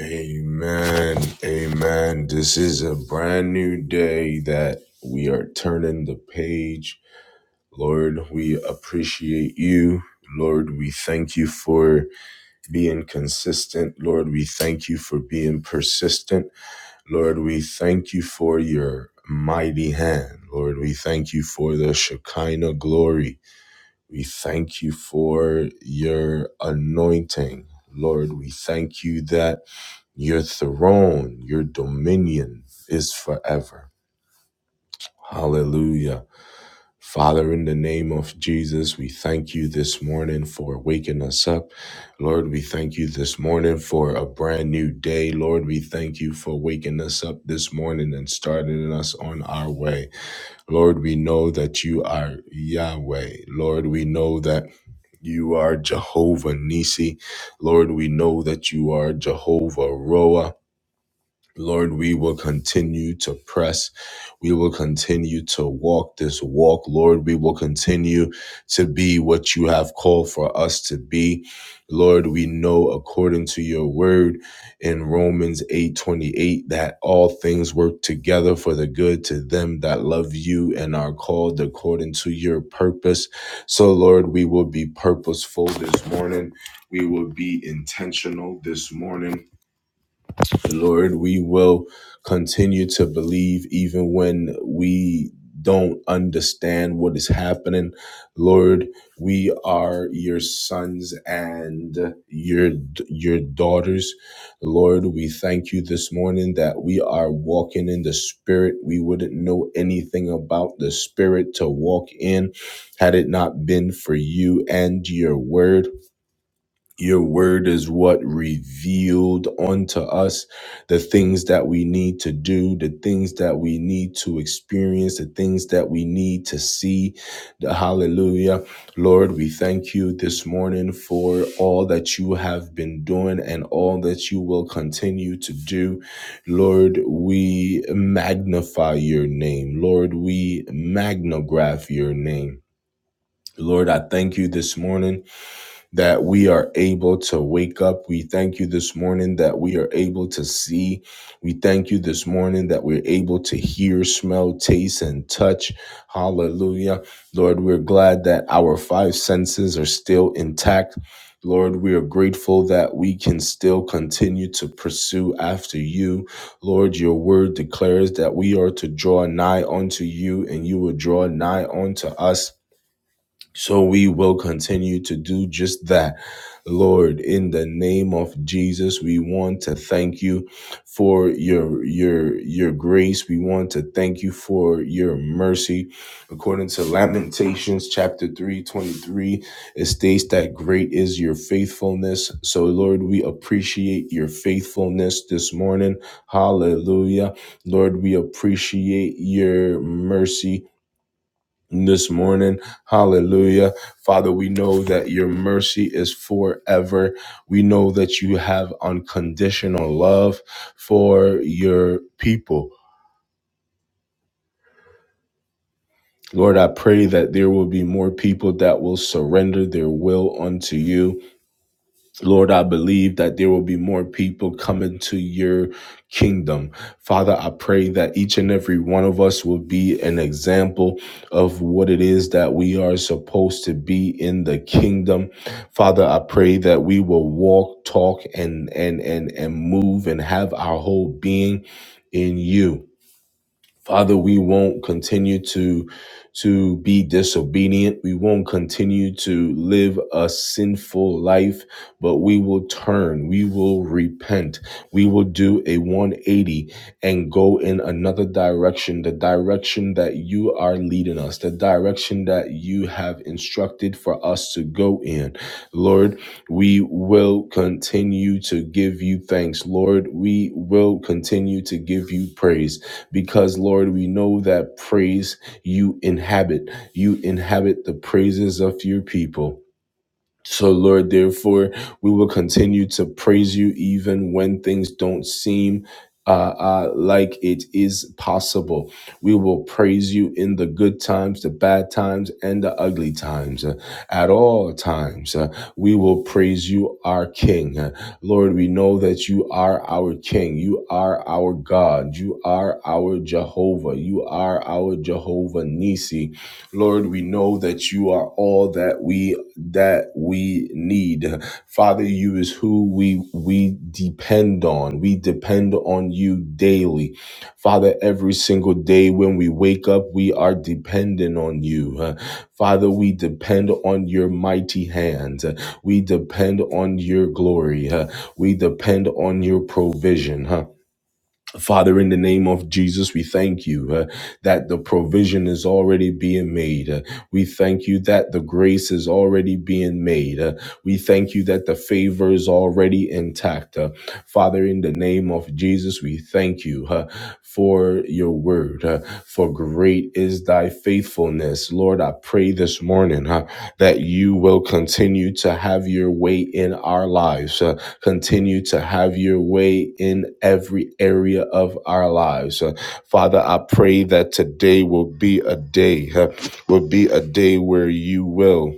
Amen. Amen. This is a brand new day that we are turning the page. Lord, we appreciate you. Lord, we thank you for being consistent. Lord, we thank you for being persistent. Lord, we thank you for your mighty hand. Lord, we thank you for the Shekinah glory. We thank you for your anointing. Lord, we thank you that your throne, your dominion is forever. Hallelujah. Father, in the name of Jesus, we thank you this morning for waking us up. Lord, we thank you this morning for a brand new day. Lord, we thank you for waking us up this morning and starting us on our way. Lord, we know that you are Yahweh. Lord, we know that you are Jehovah Nisi. Lord, we know that you are Jehovah Roa. Lord, we will continue to press. We will continue to walk this walk. Lord, we will continue to be what you have called for us to be. Lord, we know according to your word in Romans 8:28 that all things work together for the good to them that love you and are called according to your purpose. So Lord, we will be purposeful this morning. We will be intentional this morning Lord, we will continue to believe even when we don't understand what is happening. Lord, we are your sons and your your daughters. Lord, we thank you this morning that we are walking in the spirit. We wouldn't know anything about the spirit to walk in had it not been for you and your word. Your word is what revealed unto us the things that we need to do, the things that we need to experience, the things that we need to see. The hallelujah. Lord, we thank you this morning for all that you have been doing and all that you will continue to do. Lord, we magnify your name. Lord, we magnograph your name. Lord, I thank you this morning that we are able to wake up. We thank you this morning that we are able to see. We thank you this morning that we're able to hear, smell, taste, and touch. Hallelujah. Lord, we're glad that our five senses are still intact. Lord, we are grateful that we can still continue to pursue after you. Lord, your word declares that we are to draw nigh unto you and you will draw nigh unto us. So we will continue to do just that. Lord, in the name of Jesus, we want to thank you for your your your grace. We want to thank you for your mercy. According to Lamentations chapter 3 23, it states that great is your faithfulness. So Lord, we appreciate your faithfulness this morning. Hallelujah. Lord, we appreciate your mercy this morning. Hallelujah. Father, we know that your mercy is forever. We know that you have unconditional love for your people. Lord, I pray that there will be more people that will surrender their will unto you. Lord, I believe that there will be more people coming to your kingdom. Father, I pray that each and every one of us will be an example of what it is that we are supposed to be in the kingdom. Father, I pray that we will walk, talk, and and and and move and have our whole being in you. Father, we won't continue to to be disobedient. We won't continue to live a sinful life, but we will turn. We will repent. We will do a 180 and go in another direction, the direction that you are leading us, the direction that you have instructed for us to go in. Lord, we will continue to give you thanks. Lord, we will continue to give you praise because Lord, we know that praise you inhabit. You inhabit the praises of your people. So, Lord, therefore, we will continue to praise you even when things don't seem uh, uh, like it is possible. We will praise you in the good times, the bad times, and the ugly times. Uh, at all times, uh, we will praise you, our King. Uh, Lord, we know that you are our King. You are our God. You are our Jehovah. You are our Jehovah Nisi. Lord, we know that you are all that we that we need. Father, you is who we we depend on. We depend on you daily. Father, every single day when we wake up, we are dependent on you. Uh, Father, we depend on your mighty hand. Uh, We depend on your glory. Uh, We depend on your provision. huh? Father, in the name of Jesus, we thank you uh, that the provision is already being made. Uh, we thank you that the grace is already being made. Uh, we thank you that the favor is already intact. Uh, Father, in the name of Jesus, we thank you uh, for your word, uh, for great is thy faithfulness. Lord, I pray this morning uh, that you will continue to have your way in our lives. Uh, Continue to have your way in every area of our lives. Uh, Father, I pray that today will be a day, uh, will be a day where you will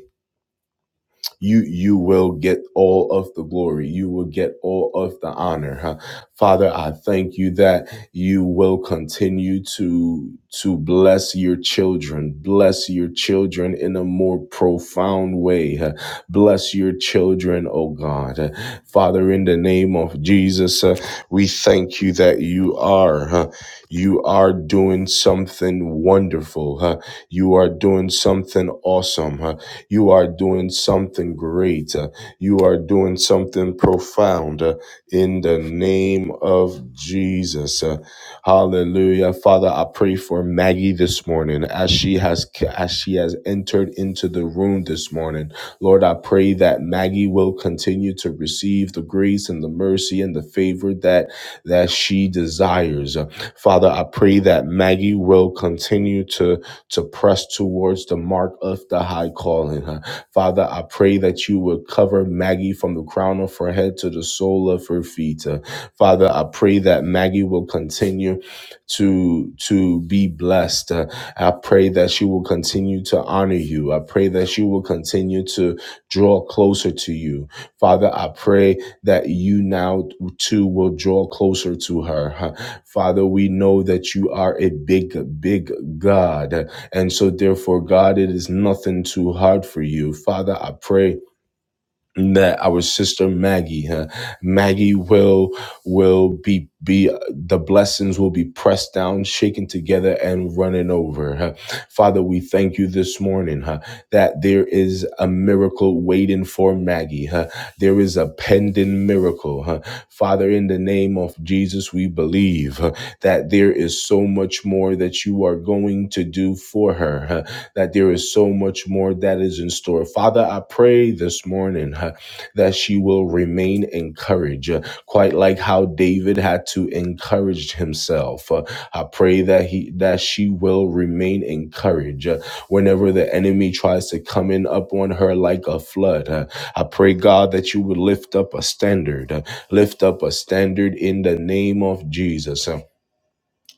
you you will get all of the glory you will get all of the honor huh? father i thank you that you will continue to to bless your children bless your children in a more profound way huh? bless your children oh god Uh, father in the name of jesus uh, we thank you that you are huh? you are doing something wonderful huh? you are doing something awesome huh? You are doing something great. Uh, You are doing something profound uh, in the name of Jesus. Uh, Hallelujah. Father, I pray for Maggie this morning as she has as she has entered into the room this morning. Lord, I pray that Maggie will continue to receive the grace and the mercy and the favor that that she desires. Uh, Father, I pray that Maggie will continue to to press towards the mark of the high calling. huh? Father, I pray that you would cover Maggie from the crown of her head to the sole of her feet. uh. Father, I pray that Maggie will continue to to be blessed. Uh, I pray that she will continue to honor you. I pray that she will continue to draw closer to you. Father, I pray that you now too will draw closer to her. Huh? Father, we know that you are a big, big God. huh? And so, therefore, God, it is nothing too hard for you. Father, I pray that our sister Maggie, huh, Maggie will will be be the blessings will be pressed down, shaken together, and running over. huh. Father, we thank you this morning huh, that there is a miracle waiting for Maggie. huh. There is a pending miracle. huh. Father, in the name of Jesus, we believe huh, that there is so much more that you are going to do for her. huh that there is so much more that is in store. Father, I pray this morning uh, that she will remain encouraged, uh, quite like how David had to encourage himself. Uh, I pray that he that she will remain encouraged uh, whenever the enemy tries to come in up on her like a flood. Uh, I pray God that you would lift up a standard, uh, lift up a standard in the name of Jesus. Uh,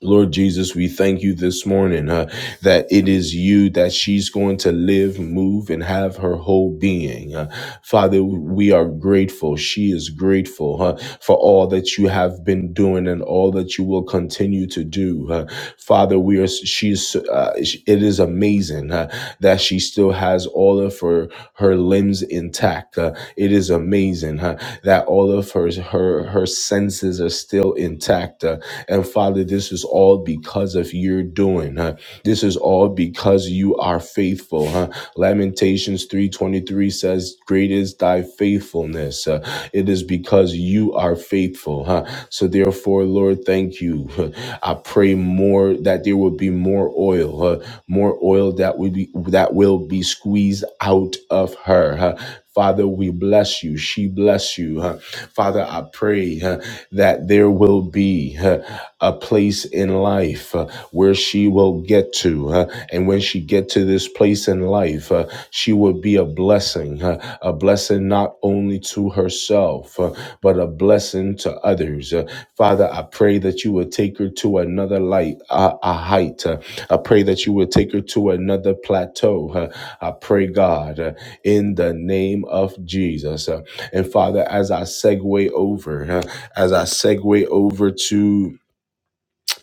Lord Jesus, we thank you this morning uh, that it is you that she's going to live, move, and have her whole being. Uh, Father, we are grateful. She is grateful uh, for all that you have been doing and all that you will continue to do. Uh, Father, Father, we are. She's. Uh, it is amazing uh, that she still has all of her her limbs intact. Uh, it is amazing uh, that all of her her her senses are still intact. Uh, and Father, this is all because of your doing. Uh, this is all because you are faithful. Huh? Lamentations 3.23 says, Great is thy faithfulness. Uh, it is because you are faithful. Huh? So therefore, Lord, thank you. I pray more that there will be more oil, uh, more oil that will be that will be squeezed out of her. huh? Father, we bless you. She bless you. huh? Father, I pray huh, that there will be. huh, a place in life uh, where she will get to. uh, and when she get to this place in life, uh, she will be a blessing, uh, a blessing not only to herself, uh, but a blessing to others. Uh, Father, I pray that you would take her to another light, uh, a height. Uh, I pray that you would take her to another plateau. Uh, I pray, God, uh, in the name of Jesus. Uh, and Father, as I segue over, uh, as I segue over to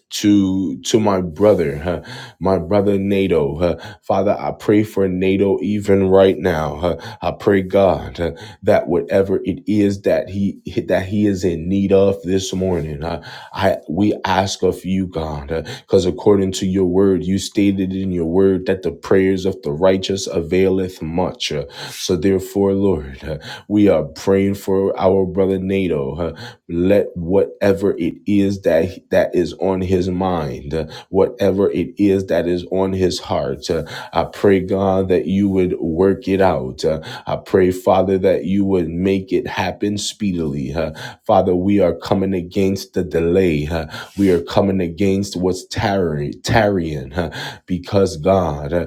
to to my brother, huh, my brother NATO. huh. Father, I pray for NATO even right now. huh. I pray God huh, that whatever it is that he that he is in need of this morning, huh, I we ask of you, God, because according to your word, you stated in your word that the prayers of the righteous availeth much. uh, so therefore, Lord, uh, we are praying for our brother NATO. Huh let whatever it is that that is on his mind uh, whatever it is that is on his heart uh, i pray god that you would work it out Uh, i pray father that you would make it happen speedily uh, father we are coming against the delay uh, we are coming against what's tarry, tarrying uh, because god uh,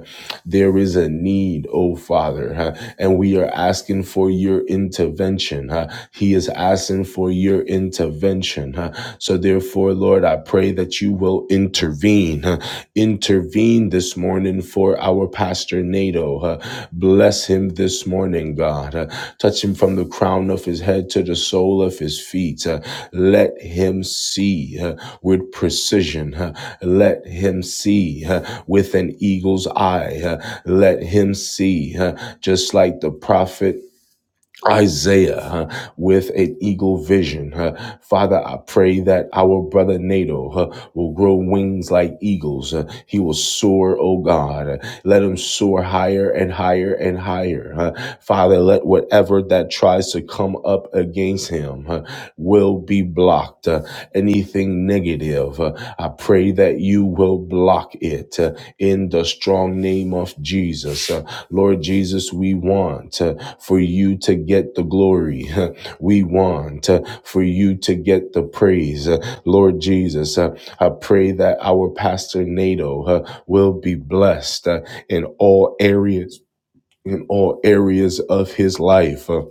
there is a need, oh Father, huh, and we are asking for your intervention. huh. He is asking for your intervention. huh. So, therefore, Lord, I pray that you will intervene. huh. Intervene this morning for our pastor Nato. huh. Bless him this morning, God. huh. Touch him from the crown of his head to the sole of his feet. huh. Let him see. huh? with precision. huh. Let him see huh, with an eagle's eye. huh. Let him see, huh, just like the prophet. Isaiah huh, with an eagle vision. huh. Father, I pray that our brother Nato huh, will grow wings like eagles. huh. he will soar, oh God. Let him soar higher and higher and higher. huh. Father, let whatever that tries to come up against him huh, will be blocked. Uh, anything negative, uh, I pray that you will block it uh, in the strong name of Jesus. Uh, Lord Jesus, we want uh, for you to get the glory. Uh, we want uh, for you to get the praise. Uh, Lord Jesus, uh, I pray that our pastor Nato uh, will be blessed uh, in all areas. In all areas of his life. Uh,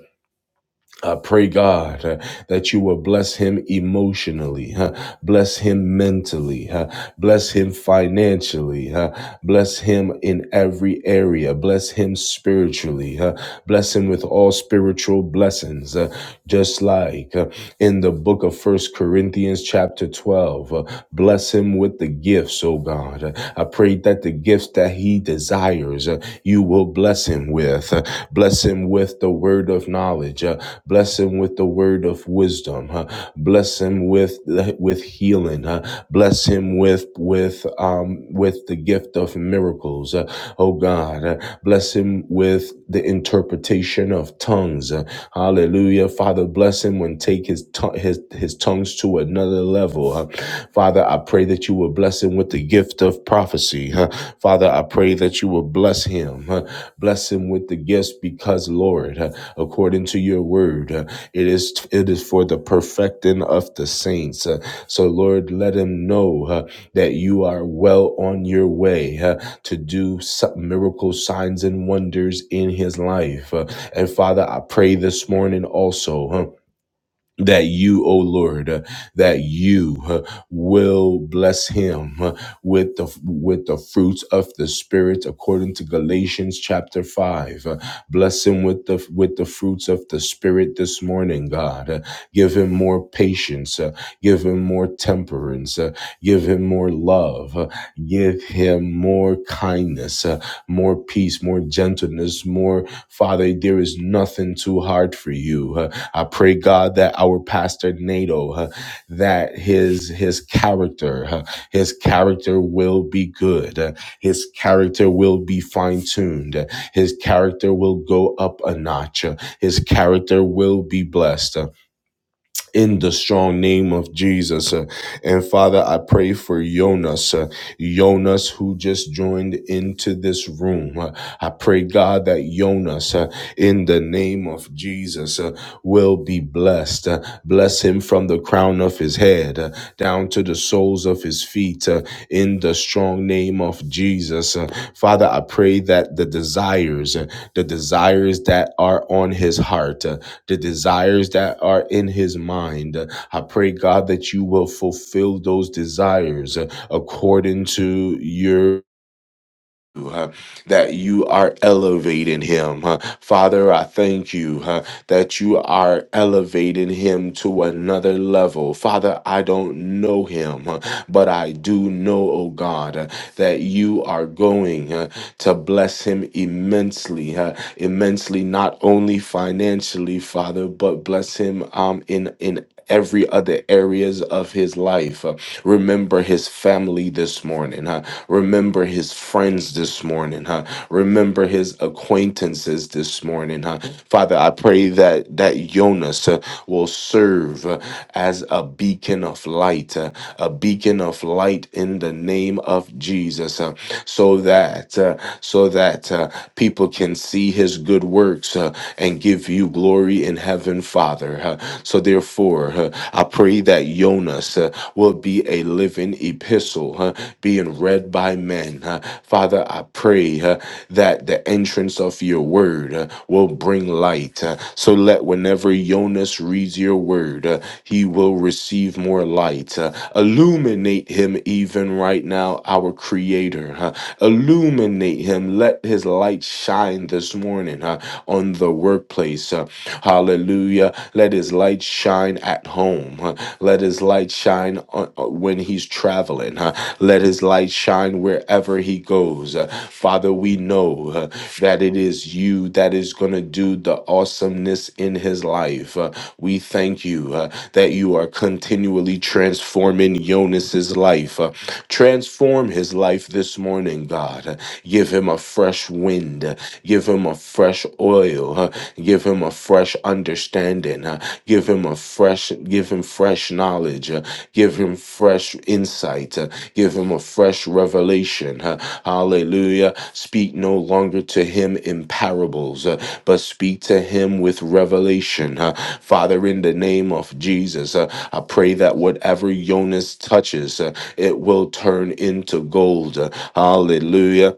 I pray, God, uh, that you will bless him emotionally, uh, bless him mentally, uh, bless him financially, uh, bless him in every area, bless him spiritually, uh, Bless him with all spiritual blessings, uh, just like uh, in the book of First Corinthians, chapter 12. uh, bless him with the gifts, oh God. Uh, I pray that the gifts that he desires, uh, you will bless him with. Uh, bless him with the word of knowledge. Uh, bless him with the word of wisdom. Uh, bless him with with healing. Uh, bless him with with um with the gift gift of miracles. Uh, oh God, uh, bless him with the interpretation of tongues. Uh, hallelujah. Father, bless him when take his, tongue his, his tongues to another level. Uh, Father, I pray that you will bless him with the gift of prophecy. Uh, Father, I pray that you will bless him. Uh, bless him with the gifts because, Lord, uh, according to your word, uh, it is it is for the perfecting of the saints. Uh, so, Lord, let him know. uh, that you are well on your way uh, to do some miracles, signs, and wonders in his life. Uh, and Father, I pray this morning also. huh, that you, O Lord, uh, that you uh, will bless him uh, with the with the fruits of the spirit, according to Galatians chapter five. Uh, bless him with the with the fruits of the spirit this morning, God. Uh, give him more patience. uh, give him more temperance. uh, give him more love. uh, give him more kindness, uh, more peace, more gentleness, more. Father, there is nothing too hard for you. I pray, God, that our pastor Nato, uh, that his his character, uh, his character will be good. uh, His character will be fine tuned. His character will go up a notch. uh, His character will be blessed. huh, in the strong name of Jesus. Uh, And Father, I pray for Jonas, uh, Jonas who just joined into this room. Uh, I pray, God, that Jonas, uh, in the name of Jesus, uh, will be blessed. Uh, Bless him from the crown of his head uh, down to the soles of his feet uh, in the strong name of Jesus. Uh, Father, I pray that the desires, uh, the desires that are on his heart, uh, the desires that are in his mind. I pray, God, that you will fulfill those desires uh, according to your. uh, that you are elevating him. uh. Father, I thank you uh, that you are elevating him to another level. Father, I don't know him, uh, but I do know, oh God, uh, that you are going uh, to bless him immensely. Uh, immensely, not only financially, Father, but bless him um, in in every other areas of his life. Uh, remember his family this morning. Huh? Remember his friends this morning. Huh? Remember his acquaintances this morning. Huh? Father, I pray that that Jonas uh, will serve uh, as a beacon of light, uh, a beacon of light in the name of Jesus, uh, so that uh, so that uh, people people can see his good works uh, and give you glory in heaven, Father. Uh, so, therefore, uh, I pray that Jonas uh, will be a living epistle uh, being read by men. uh. Father, I pray uh, that the entrance of your word uh, will bring light. uh. so, let whenever Jonas reads your word, uh, he will receive more light. uh. illuminate him even right now, our Creator. uh. illuminate him. Let his his light shine this morning uh, on the workplace. uh, hallelujah. Let his light shine at home. uh, let his light shine on, uh, when he's traveling. uh, let his light shine wherever he goes. Uh, Father, we know uh, that it is you that is going to do the awesomeness in his life. Uh, we thank you uh, that you are continually transforming Jonas's life. Uh, transform his life this morning, God. Uh, Give him a him a fresh wind. Give him a fresh oil. huh? Give him a fresh understanding. huh? Give him a fresh, give him fresh knowledge. huh? Give him fresh insight. huh? Give him a fresh revelation. huh? Hallelujah. Speak no longer to him in parables, uh, but speak to him with revelation. uh. Father, in the name of Jesus, uh, I pray that whatever Jonas touches, uh, it will turn into gold. uh, Hallelujah.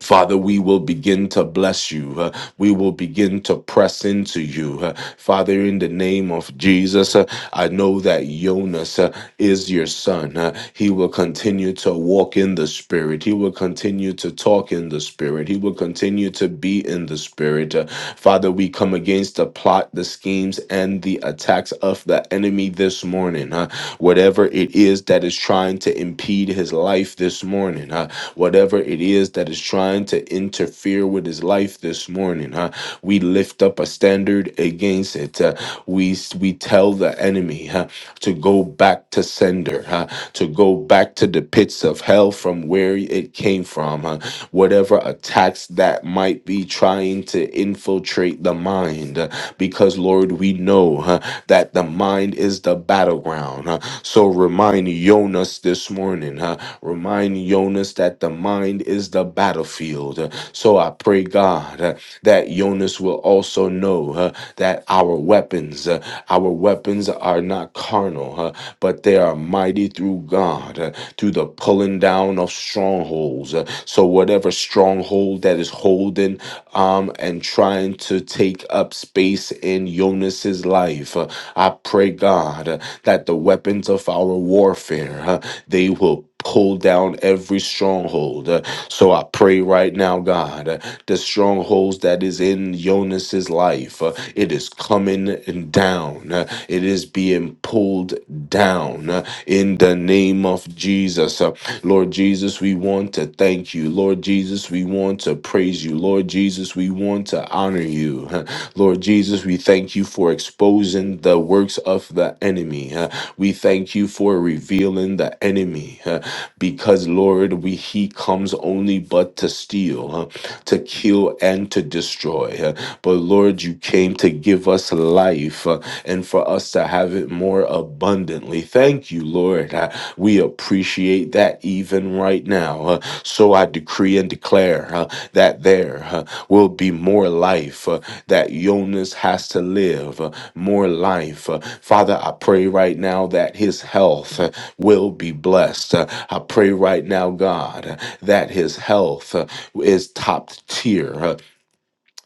Father, we will begin to bless you. Uh, we will begin to press into you. Uh, Father, in the name of Jesus, uh, I know that Jonas uh, is your son. Uh, he will continue to walk in the Spirit. He will continue to talk in the Spirit. He will continue to be in the Spirit. Uh, Father, we come against the plot, the schemes, and the attacks of the enemy this morning. Uh, whatever it is that is that is trying to impede his life this morning, uh, whatever it is that is trying to interfere with his life this morning, uh, we lift up a standard against it. Uh, we we tell the enemy uh, to go back to sender, uh, to go back to the pits of hell from where it came from. uh, whatever attacks that might be trying to infiltrate the mind, uh, because Lord, we we know huh, that the mind is the battleground. huh. So remind Jonas this morning, huh, remind Jonas that the mind is the battlefield. huh. So I pray, God, huh, that Jonas will also know huh, that our weapons, uh, our weapons are not carnal, huh, but they are mighty through God, uh, through the pulling down of strongholds. uh, so whatever stronghold that is is holding um, and trying to take up space in Jonas's life. Uh, I pray, God, uh, that the weapons of our warfare, uh, they will pull down every stronghold. Uh, So I pray right now, God, uh, the strongholds that is in Jonas's life, uh, it is coming down. Uh, It is being pulled down uh, in the name of Jesus. Jesus. Uh, Lord Jesus, we want to thank you. Lord Jesus, we want to praise you. Lord Jesus, we want to honor you. Uh, Lord Jesus, we thank you for exposing the works of the enemy. Uh, We thank you for revealing the enemy uh, because, Lord, we he comes only but to steal, uh, to kill, and to destroy. Uh, But Lord, you came to give us life uh, and and for us to have it more abundantly. Thank you, Lord. Uh, We appreciate that even right now. Uh, So I decree and declare uh, that there uh, will be more life uh, that Jonas has to live, uh, more life. Uh, Father, I pray right now that his health uh, will be blessed. Uh, I pray right now, God, uh, that his health uh, is top tier. Uh,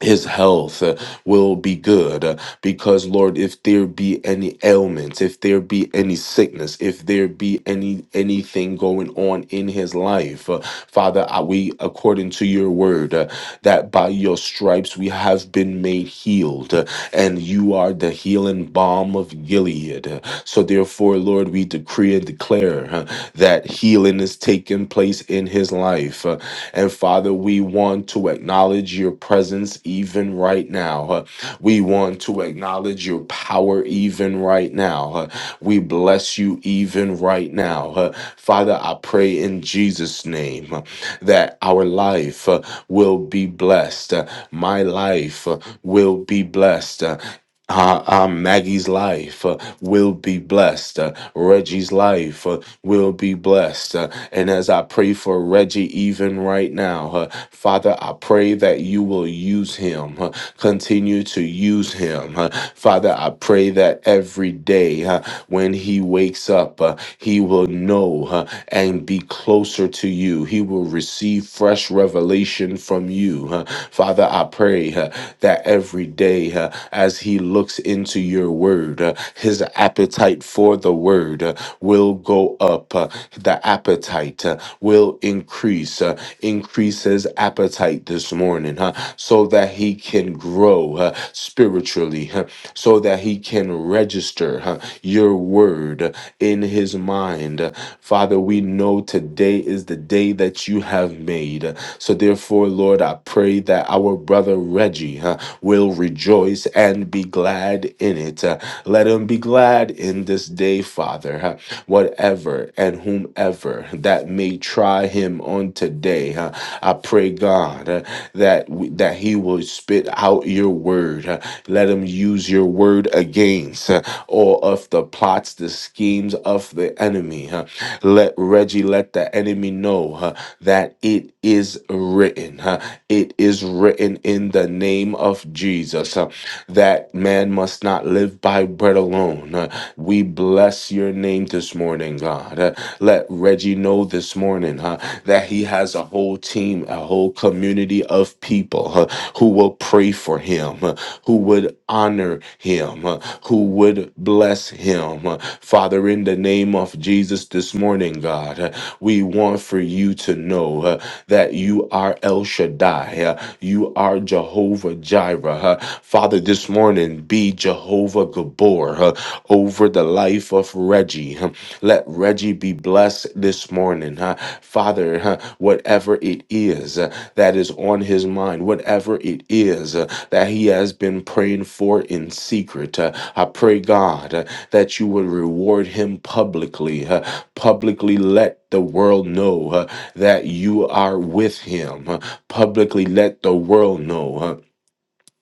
his health uh, will be good uh, because lord if there be any ailments if there be any sickness if there be any anything going on in his life uh, father I, we according to your word uh, that by your stripes we have been made healed uh, and you are the healing balm of gilead Uh, so therefore lord we decree and declare uh, that that healing is taking place in his life. Uh, And Father, we want to acknowledge your presence even right now. Uh, We want to acknowledge your power even right now. Uh, We bless you even right now. Uh, Father, I pray in Jesus' name uh, that our life uh, will be blessed. Uh, My life uh, will be blessed. Uh, uh, uh, Maggie's life uh, will be blessed. Uh, Reggie's life uh, will be blessed. Uh, and as I pray for Reggie, even right now, uh, Father, I pray that you will use him, uh, continue to use him. Uh, Father, I pray that every day uh, when he wakes up, uh, he will know uh, and mind be closer to you. He will receive fresh revelation from you. huh. Father, I pray huh, that every day huh, as he looks into your word, uh, his appetite for the word uh, will go up. uh, The appetite uh, will increase. uh, Increase his appetite this morning huh, so that he can can grow uh, spiritually huh, so that he can register huh, your word uh, in his mind. Uh, Father, we know today is the day that you have made. Uh, So, therefore, Lord, I pray that our brother Reggie huh, will rejoice and be glad in it. Uh, Let him be glad in this day, Father. huh whatever and whomever that may try him on today. huh, I pray, God, uh, that w- that he will spit out your word. huh. Let him use your word against uh, all of the plots, the schemes of the enemy. huh. Let Reggie let the enemy know huh, that it is written. huh. It is written in the name of Jesus. Uh, that man must not live by bread alone. Uh, we bless your name this morning, God. Uh, let Reggie know this morning uh, that he has a whole team, a whole community of people uh, who will pray for him, uh, who would honor him, uh, who would would bless him. Father, in the name of Jesus this morning, God, we want for you to know uh, that you are El Shaddai. uh, You are Jehovah Jireh. uh, Father, this morning, be Jehovah Gabor uh, over the life of Reggie. Let Reggie be blessed this morning. huh? Father, huh, whatever it is uh, that is on his mind, whatever it is uh, that he has been praying for in secret, uh, I pray, God, uh, that you would reward him publicly. uh, Publicly let the world know uh, that you are with him. uh, Publicly let the world know. uh,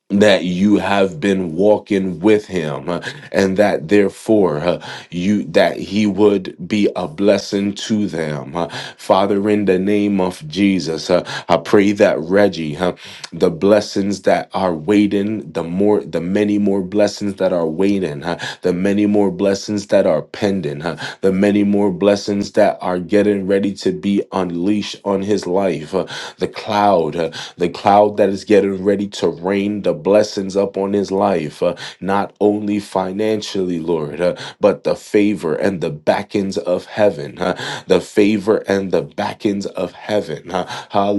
that you have been walking with him uh, and that therefore uh, you that he would be a blessing to them Uh, father in the name of jesus uh, i pray that reggie huh, the blessings that are waiting, the more, the many more blessings that are waiting, huh? the many more blessings that are pending, huh? the many more blessings that are getting ready to be unleashed on his life. huh? The cloud, huh? the cloud that is getting ready to rain the blessings up on his life, huh? not only financially, Lord, huh? but the favor and the backings of heaven, huh? the favor and the backings of heaven. huh?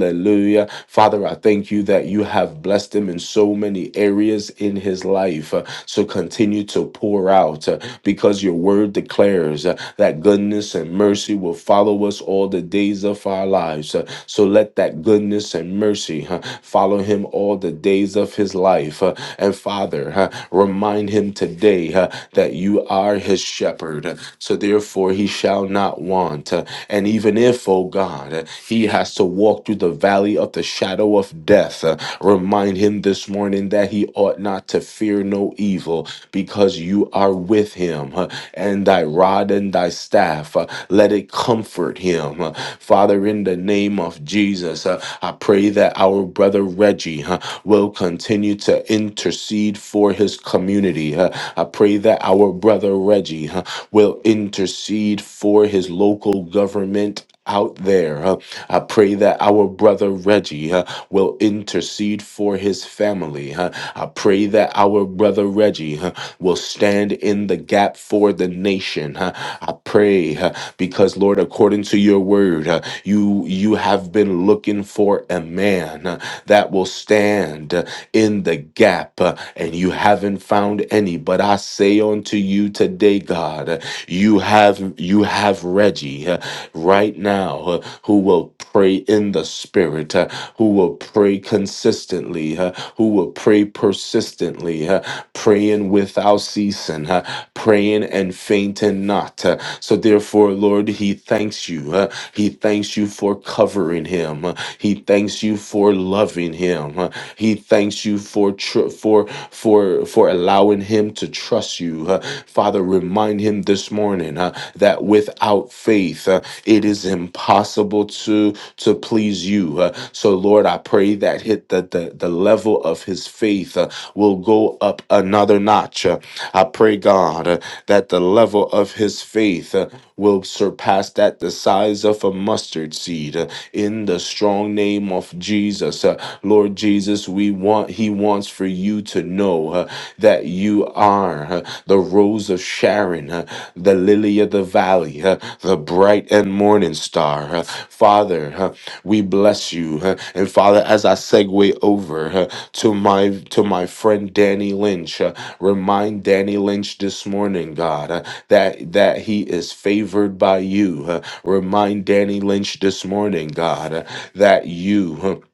Hallelujah. Father, I thank thank you that you have blessed him in so many areas in his life. Uh, So continue to pour out uh, because your word declares uh, that goodness and mercy will follow us all the days of our lives. Uh, So let that goodness and mercy uh, follow him all the days of his life. Uh, And Father, uh, remind him today uh, that you are his shepherd. Uh, So therefore, he shall not want. Uh, And even if, oh God, uh, he has to walk through the valley of the shadow, shadow of death. Uh, Remind him this morning that he ought not to fear no evil because you are with him, uh, and thy rod and thy staff, uh, let it comfort him. Uh, Father, in the name of Jesus, uh, I pray that our brother Reggie uh, will continue to intercede for his community. Uh, I pray that our brother Reggie uh, will intercede for his local government out there. Uh, I pray that our brother Reggie uh, will intercede for his family. Uh, I pray that our brother Reggie uh, will stand in the gap for the nation. Uh, I pray uh, because Lord, according to your word, uh, you you have been looking for a man uh, that will stand uh, in the gap, uh, and you haven't haven't found any. But I say unto you today, God, you have you have Reggie uh, right now uh, who will pray in the spirit, uh, who will pray consistently, uh, who will pray persistently, uh, praying without ceasing, uh, praying and fainting not. uh. So therefore, Lord, he thanks you. uh, He thanks you you for covering him. He thanks you for loving him. He thanks you for tr- for for for allowing him to trust you. Uh, Father, remind him this morning uh, that without faith, uh, it is impossible to to please you. Uh, so, Lord, I pray that hit the the, the level of his faith uh, will go up another notch notch. Uh, I pray, God, uh, that the level of his faith uh, will surpass that the size of a mustard seed uh, in the strong name of Jesus. Uh, Lord Jesus, we want he wants for you to know uh, that you are uh, the rose of Sharon, uh, the lily of the valley, uh, the bright and morning star. Uh, Father, uh, we bless you. uh, and Father, as I segue over uh, to my to my friend Danny Lynch, Remind Danny Lynch this morning, God, uh, that that he is favored by you. uh, remind Danny Lynch this morning, God, uh, that you. uh,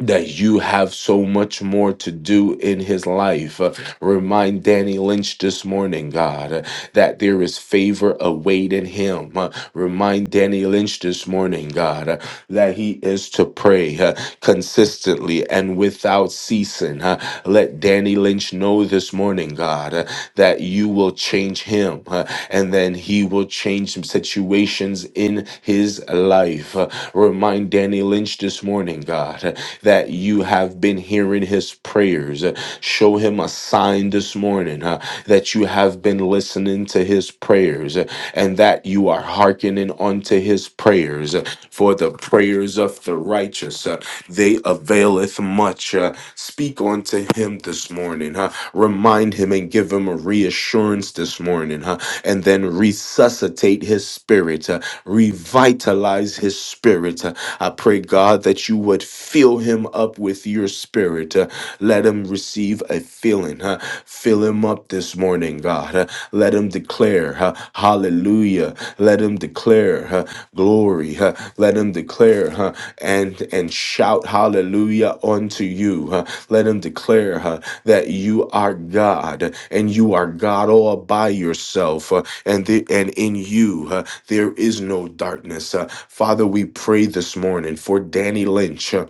that you have so much more to do in his life. Uh, Remind Danny Lynch this morning, God, uh, that there is favor awaiting him. Uh, Remind Danny Lynch this morning, God, uh, that he is to pray uh, consistently and without ceasing. Uh, Let Danny Lynch know this morning, God, uh, that you will change him uh, and then he will change some situations in his life. Uh, Remind Danny Lynch this morning, God, uh, that that you have been hearing his prayers. Uh, Show him a sign this morning uh, that you have been listening to his prayers uh, and that you are hearkening unto his prayers. Uh, For the prayers of the righteous, uh, they availeth much. Uh, Speak unto him this morning. huh? Remind him and give him a reassurance this morning. huh? And then reset resuscitate his spirit, uh, revitalize his spirit. Uh, I pray, God, that you would fill him up with your spirit. Uh, Let him receive a filling. uh, Fill him up this morning, God. Uh, Let him declare, uh, hallelujah. Let him declare uh, glory. uh, Let him declare uh, and, and shout hallelujah unto you. uh, Let him declare uh, that you are God and you are God all by yourself. huh? and the, and in you uh, there is no darkness. Uh, Father, we pray this morning for Danny Lynch. Uh,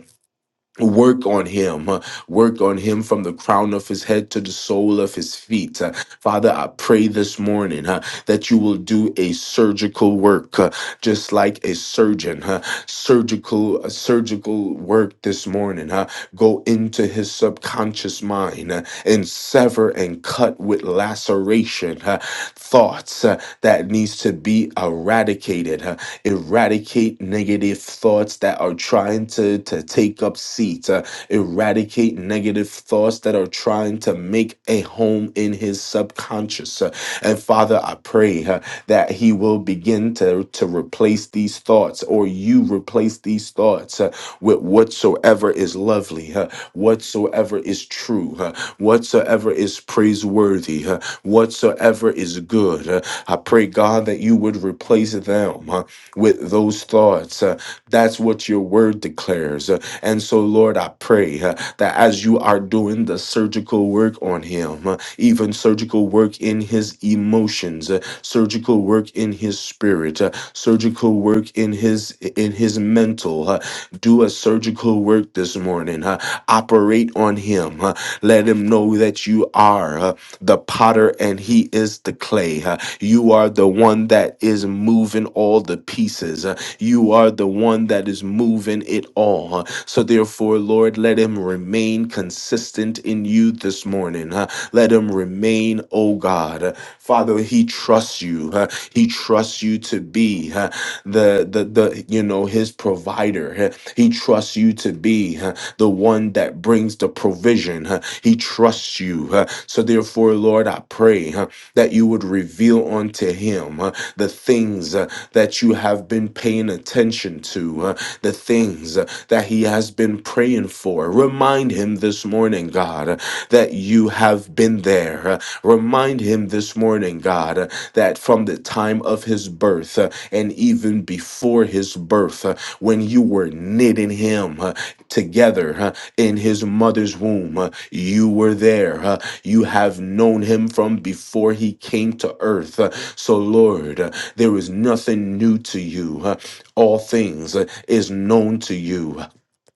Work on him. uh, Work on him from the crown of his head to the sole of his feet. Uh, Father, I pray this morning uh, that you will do a surgical work, uh, just like a surgeon. uh, Surgical, a surgical work this morning. uh, Go into his subconscious mind uh, and sever and cut with laceration uh, thoughts uh, that needs to be eradicated. uh, eradicate negative thoughts that are trying to, to take up seats, uh, eradicate negative thoughts that are trying to make a home in his subconscious. Uh, and Father, I pray uh, that he will begin to, to replace these thoughts or you replace these thoughts uh, with whatsoever is lovely, uh, whatsoever is true, uh, whatsoever is praiseworthy, uh, whatsoever is good. Uh, I pray, God, that you would replace them. uh, with those thoughts. Uh, that's what your word declares. Uh, and so, Lord, I pray uh, that as you are doing the surgical work on him, uh, even surgical work in his emotions, uh, surgical work in his spirit, uh, surgical work in his in his mental, uh, do a surgical work this morning. uh, operate on him. uh, let him know that you are. Uh, the potter and he is the clay. Uh, You are the one that is moving all the pieces. Uh, You are the one that is moving it all. Uh, So therefore, Lord, let him remain consistent in you this morning. Uh, Let him remain, oh God. Uh, Father, he trusts you. Uh, He trusts you to be uh, the the the you know his provider. Uh, He trusts you to be uh, the one that brings the provision. Uh, he trusts you. uh, So therefore, Lord, I pray uh, that you would reveal unto him uh, the things uh, that you have been paying attention to, uh, the things uh, that he has been praying for. Remind him this morning, God, uh, that you have been there. uh, Remind him this morning, God, uh, that from the time of his birth uh, and even before his birth, uh, when you were knitting him, uh, together huh, in his mother's womb. huh. You were there. huh. You have known him from before he came to earth. huh. So, Lord, uh, there is nothing new to you. huh. All things uh, is known to you. huh.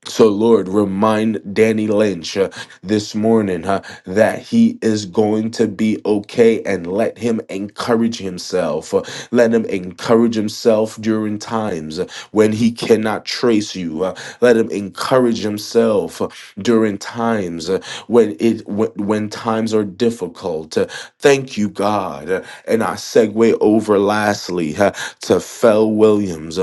So, Lord, remind Danny Lynch uh, this morning uh, that he is going to be okay and let him encourage himself. Uh, let him encourage himself during times uh, when he cannot trace you. Uh, let him encourage himself uh, during times uh, when it when, when times are difficult. Uh, thank you, God. Uh, and I segue over lastly uh, to Fel Williams.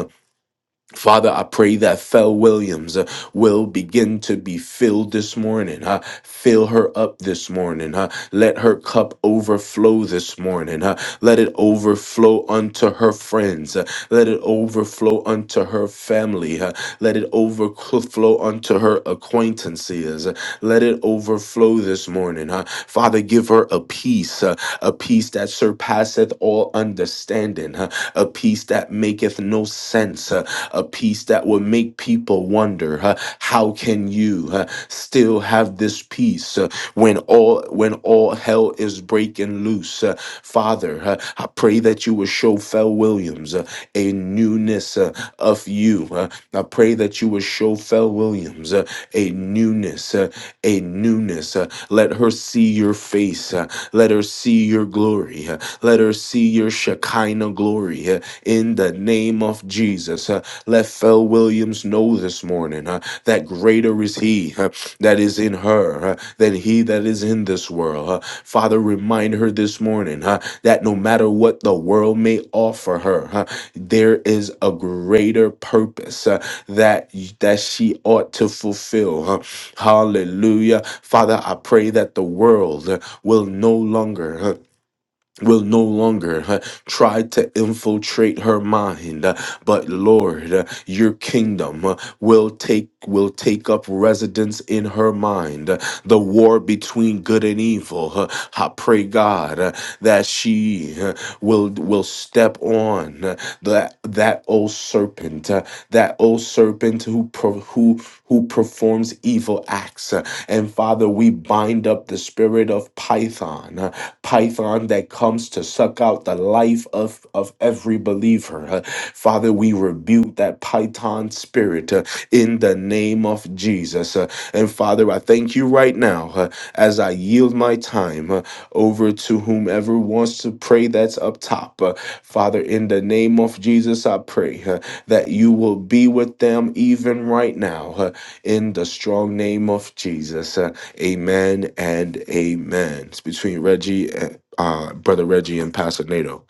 Father, I pray that Fel Williams uh, will begin to be filled this morning. huh? Fill her up this morning. huh? Let her cup overflow this morning. huh? Let it overflow unto her friends. Uh, let it overflow unto her family. uh, Let it overflow unto her acquaintances. uh, Let it overflow this morning. uh. Father, give her a peace, uh, a peace that surpasseth all understanding, uh, a peace that maketh no sense, uh, a peace that will make people wonder, uh, how can you uh, still have this peace uh, when all when all hell is breaking loose? uh. Father, uh, I pray that you would will show Fel Williams uh, a newness uh, of you. Uh, I pray that you will show Fel Williams uh, a newness, uh, a newness. Uh, let her see your face. Uh, let her see your glory. Uh, let her see your Shekinah glory. Uh, in the name of Jesus, uh, let Fel Williams know this morning uh, that greater is He uh, that is in her uh, than He that is in this world. Uh, Father, remind her this morning. uh, that no matter what the world may offer her, huh, there is a greater purpose uh, that that she ought to fulfill. huh. Hallelujah. Father, I pray that the world uh, will no longer huh, will no longer uh, try to infiltrate her mind uh, but lord uh, your kingdom uh, will take will take up residence in her mind Uh, the war between good and evil uh, i pray god uh, that she uh, will will step on uh, that that old serpent uh, that old serpent who pro- who who performs evil acts uh, and father we bind up the spirit of python uh, python that comes to suck out the life of, of every believer. Uh, Father, we rebuke that python spirit uh, in the name of Jesus. Uh, And Father, I thank you right now uh, as I yield my time uh, over to whomever wants to pray that's up top. Uh, Father, in the name of Jesus, I pray uh, that you will be with them even right now uh, in the strong name of Jesus. Uh, Amen and amen. It's between Reggie, and, uh, brother Reggie, and Pastor Nato.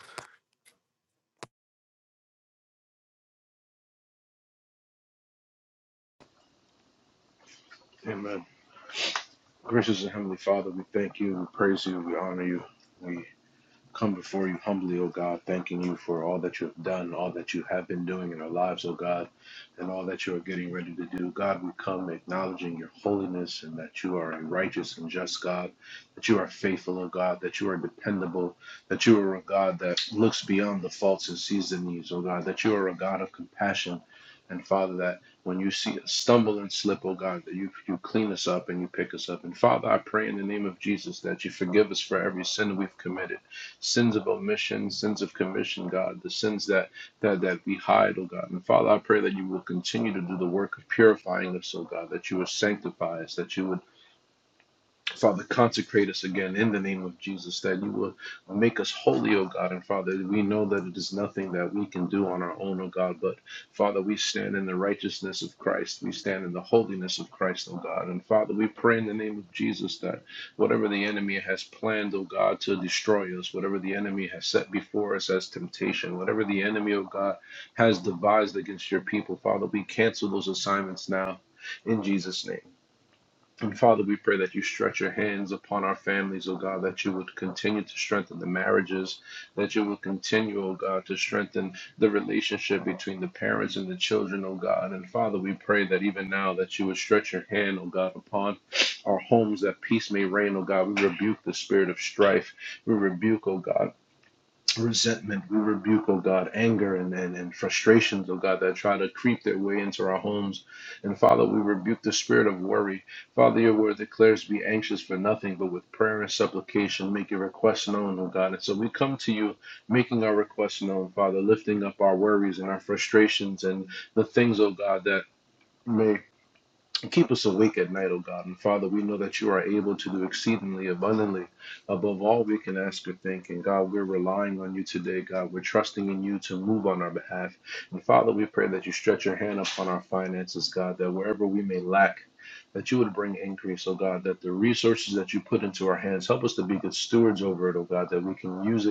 Amen. Gracious and Heavenly Father, we thank you, we praise you, we honor you, we Come before you humbly, O God, thanking you for all that you have done, all that you have been doing in our lives, O God, and all that you are getting ready to do. God, we come acknowledging your holiness and that you are a righteous and just God, that you are faithful, O God, that you are dependable, that you are a God that looks beyond the faults and sees the needs, O God, that you are a God of compassion. And Father, that when you see us stumble and slip, oh God, that you, you clean us up and you pick us up. And Father, I pray in the name of Jesus that you forgive us for every sin that we've committed sins of omission, sins of commission, God, the sins that that that we hide, oh God. And Father, I pray that you will continue to do the work of purifying us, oh God, that you would sanctify us, that you would Father, consecrate us again in the name of Jesus, that you will make us holy, O God. And Father, we know that it is nothing that we can do on our own, O God. But Father, we stand in the righteousness of Christ. We stand in the holiness of Christ, O God. And Father, we pray in the name of Jesus that whatever the enemy has planned, O God, to destroy us, whatever the enemy has set before us as temptation, whatever the enemy, O God, has devised against your people, Father, we cancel those assignments now in Jesus' name. And Father, we pray that you stretch your hands upon our families, oh God, that you would continue to strengthen the marriages, that you would continue, oh God, to strengthen the relationship between the parents and the children, oh God. And Father, we pray that even now that you would stretch your hand, oh God, upon our homes, that peace may reign, oh God. We rebuke the spirit of strife. We rebuke, oh God resentment. We rebuke, oh God, anger and, and, and frustrations, oh God, that try to creep their way into our homes. And Father, we rebuke the spirit of worry. Father, your word declares be anxious for nothing, but with prayer and supplication, make your requests known, oh God. And so we come to you making our requests known, Father, lifting up our worries and our frustrations and the things, oh God, that may Keep us awake at night, O God. And Father, we know that you are able to do exceedingly abundantly above all we can ask or think. And God, we're relying on you today, God. We're trusting in you to move on our behalf. And Father, we pray that you stretch your hand upon our finances, God, that wherever we may lack, that you would bring increase, oh God, that the resources that you put into our hands, help us to be good stewards over it, oh God, that we can use it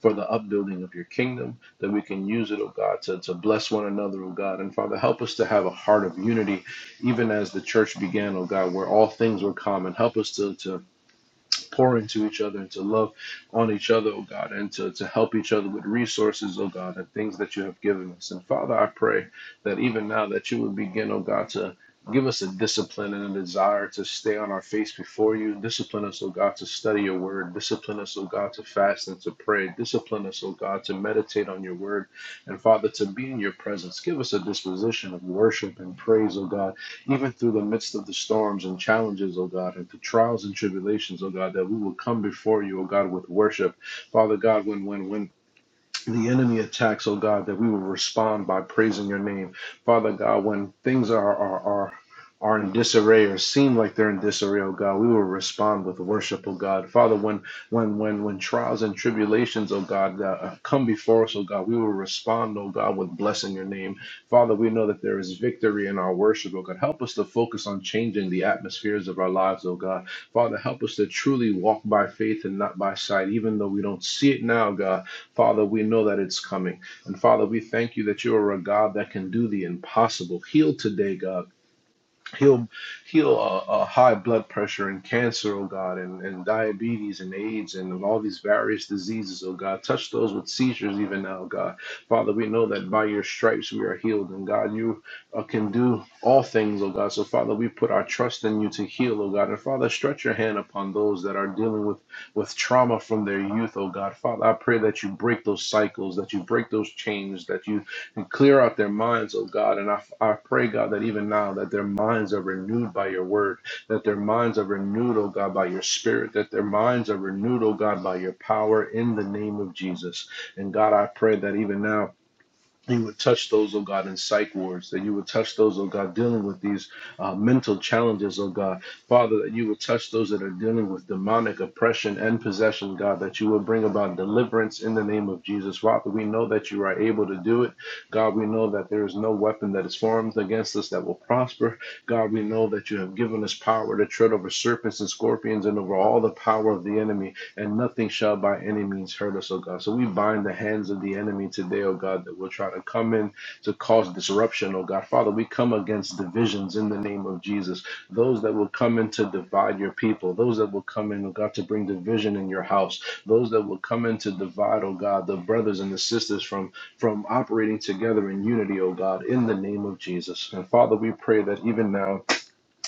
for the upbuilding of your kingdom, that we can use it, oh God, to, to bless one another, oh God. And Father, help us to have a heart of unity, even as the church began, oh God, where all things were common. Help us to, to pour into each other and to love on each other, oh God, and to, to help each other with resources, oh God, and things that you have given us. And Father, I pray that even now that you would begin, oh God, to give us a discipline and a desire to stay on our face before you. Discipline us, O God, to study your word. Discipline us, O God, to fast and to pray. Discipline us, O God, to meditate on your word. And Father, to be in your presence. Give us a disposition of worship and praise, O God even through the midst of the storms and challenges, O God, and through trials and tribulations, O God, that we will come before you, O God, with worship. Father God, when when when the enemy attacks, oh God, that we will respond by praising your name. Father God, when things are are are are in disarray or seem like they're in disarray, oh God, we will respond with worship, oh God. Father, when when when when trials and tribulations, oh God, uh, uh, come before us, oh God, we will respond, oh God, with blessing your name. Father, we know that there is victory in our worship, oh God. Help us to focus on changing the atmospheres of our lives, oh God. Father, help us to truly walk by faith and not by sight, even though we don't see it now, God. Father, we know that it's coming. And Father, we thank you that you are a God that can do the impossible. Heal today, God heal heal uh, uh, high blood pressure and cancer, oh God, and, and diabetes and AIDS and all these various diseases, oh God. Touch those with seizures even now, God. Father, we know that by your stripes we are healed, and God, you uh, can do all things, oh God. So, Father, we put our trust in you to heal, oh God. And Father, stretch your hand upon those that are dealing with, with trauma from their youth, oh God. Father, I pray that you break those cycles, that you break those chains, that you and clear out their minds, oh God. And I, I pray, God, that even now that their minds are renewed by your word, that their minds are renewed, oh God, by your spirit, that their minds are renewed, oh God, by your power in the name of Jesus. And God, I pray that even now that you would touch those, oh God, in psych wards, that you would touch those, oh God, dealing with these uh, mental challenges, oh God. Father, that you would touch those that are dealing with demonic oppression and possession, God, that you would bring about deliverance in the name of Jesus. Father, we know that you are able to do it. God, we know that there is no weapon that is formed against us that will prosper. God, we know that you have given us power to tread over serpents and scorpions and over all the power of the enemy and nothing shall by any means hurt us, O God. So we bind the hands of the enemy today, O God, that will try to come in to cause disruption, O God. Father, we come against divisions in the name of Jesus. Those that will come in to divide your people, those that will come in, O God, to bring division in your house, those that will come in to divide, O God, the brothers and the sisters from from operating together in unity, O God, in the name of Jesus. And Father, we pray that even now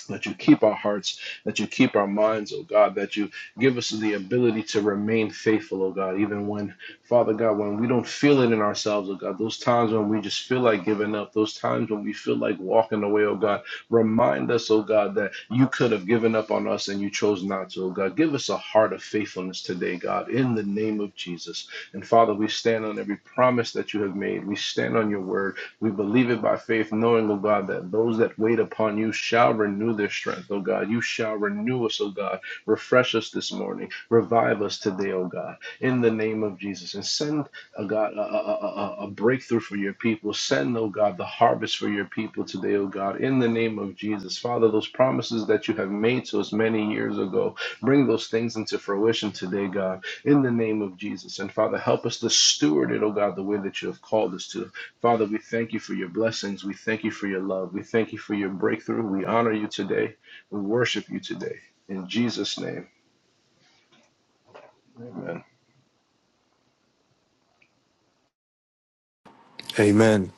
that you keep our hearts, that you keep our minds, oh God, that you give us the ability to remain faithful, oh God, even when, Father God, when we don't feel it in ourselves, oh God, those times when we just feel like giving up, those times when we feel like walking away, oh God, Remind us, oh God, that you could have given up on us and you chose not to, oh God. Give us a heart of faithfulness today, God, in the name of Jesus. And Father, we stand on every promise that you have made. We stand on your word. We believe it by faith, knowing, oh God, that those that wait upon you shall renew their strength, oh God. You shall renew us, oh God. Refresh us this morning. Revive us today, oh God, in the name of Jesus. And send a God, a, a, a, a a breakthrough for your people. Send, oh God, the harvest for your people today, oh God, in the name of Jesus. Father, those promises that you have made to us many years ago, bring those things into fruition today, God, in the name of Jesus. And Father, help us to steward it, oh God, the way that you have called us to. Father, we thank you for your blessings. We thank you for your love. We thank you for your breakthrough. We honor you today. We worship you today. In Jesus' name, amen. Amen.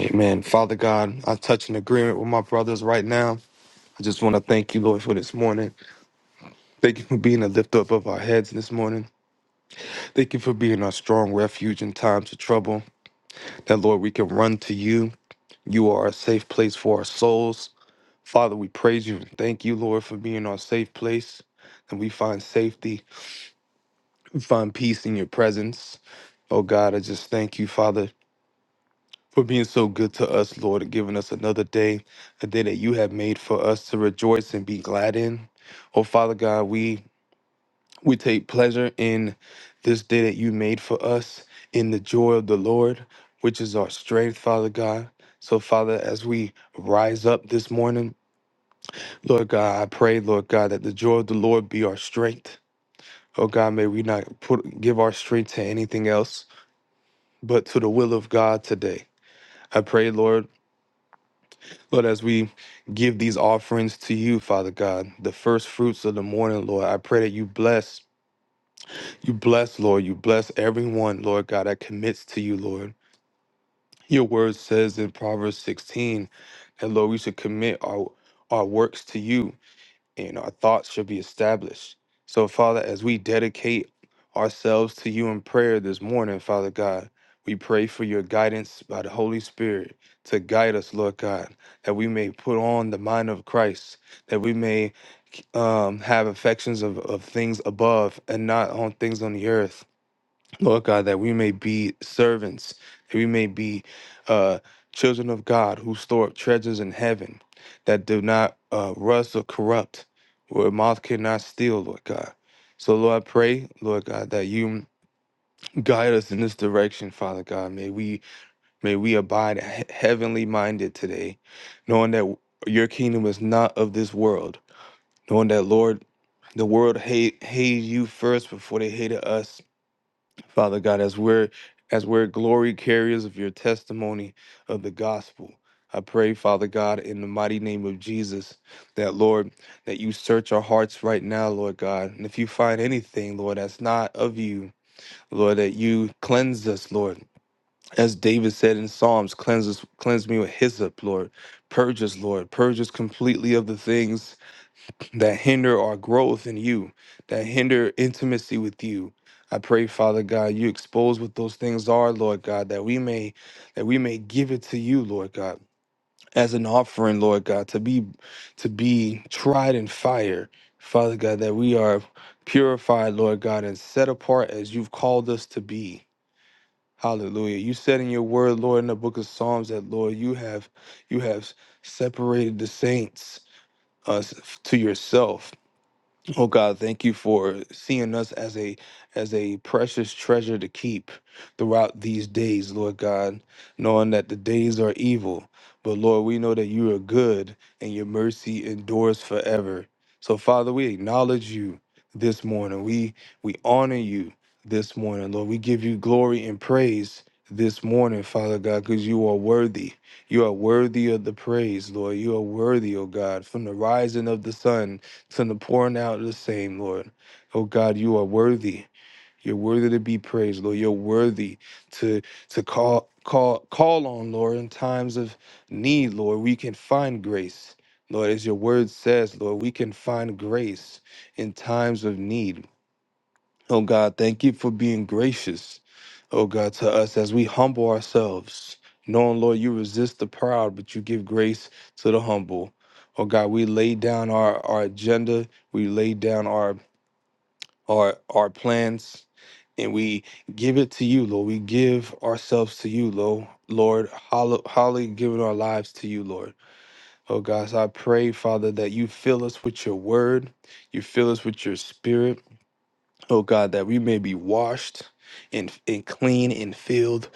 Amen. Father God, I touch an agreement with my brothers right now. I just want to thank you, Lord, for this morning. Thank you for being a lift up of our heads this morning. Thank you for being our strong refuge in times of trouble. That, Lord, we can run to you. You are a safe place for our souls. Father, we praise you and thank you, Lord, for being our safe place. And we find safety, we find peace in your presence. Oh God, I just thank you, Father. for being so good to us, Lord, and giving us another day, a day that you have made for us to rejoice and be glad in. Oh, Father God, we we take pleasure in this day that you made for us, in the joy of the Lord, which is our strength, Father God. So, Father, as we rise up this morning, Lord God, I pray, Lord God, that the joy of the Lord be our strength. Oh God, may we not put give our strength to anything else, but to the will of God today. I pray, Lord, Lord, as we give these offerings to you, Father God, the first fruits of the morning, Lord, I pray that you bless, you bless, Lord, you bless everyone, Lord God, that commits to you, Lord. Your word says in Proverbs 16 that, Lord, we should commit our, our works to you and our thoughts should be established. So, Father, as we dedicate ourselves to you in prayer this morning, Father God, we pray for your guidance by the Holy Spirit to guide us, Lord God, that we may put on the mind of Christ, that we may um, have affections of, of things above and not on things on the earth. Lord God, that we may be servants, that we may be uh, children of God who store up treasures in heaven that do not uh, rust or corrupt, where moth cannot steal, Lord God. So, Lord, I pray, Lord God, that you guide us in this direction, Father God. May we may we abide he- heavenly minded today, knowing that your kingdom is not of this world, knowing that, Lord, the world hate hated you first before they hated us Father God, as we're as we're glory carriers of your testimony of the gospel. I pray, Father God, in the mighty name of Jesus, that Lord, that you search our hearts right now, Lord God. And if you find anything, Lord, that's not of you, Lord, that you cleanse us, Lord. As David said in Psalms, cleanse us, cleanse me with hyssop, Lord. Purge us, Lord. Purge us completely of the things that hinder our growth in you, that hinder intimacy with you. I pray, Father God, you expose what those things are, Lord God, that we may that we may give it to you, Lord God, as an offering, Lord God, to be to be tried in fire, Father God, that we are purified, Lord God, and set apart as you've called us to be. Hallelujah. You said in your word, Lord, in the book of Psalms that Lord, you have you have separated the saints us to yourself Oh God, thank you for seeing us as a as a precious treasure to keep throughout these days, Lord God, knowing that the days are evil. But Lord, we know that you are good and your mercy endures forever. So Father, we acknowledge you this morning. We we honor you this morning, Lord. We give you glory and praise this morning, Father God, because you are worthy. You are worthy of the praise, Lord. You are worthy, O God, from the rising of the sun Send the pouring out of the same, Lord. Oh God, you are worthy. You're worthy to be praised, Lord. You're worthy to to call call call on, Lord, in times of need, Lord. We can find grace. Lord, as your word says, Lord, we can find grace in times of need. Oh God, thank you for being gracious, oh God, to us as we humble ourselves. Knowing, Lord, you resist the proud, but you give grace to the humble. Oh God, we lay down our, our agenda, we lay down our our our plans, and we give it to you, Lord. We give ourselves to you, Lord. Lord, hollow, holly giving our lives to you, Lord. Oh God, so I pray, Father, that you fill us with your word, you fill us with your spirit oh God, that we may be washed and, and clean and filled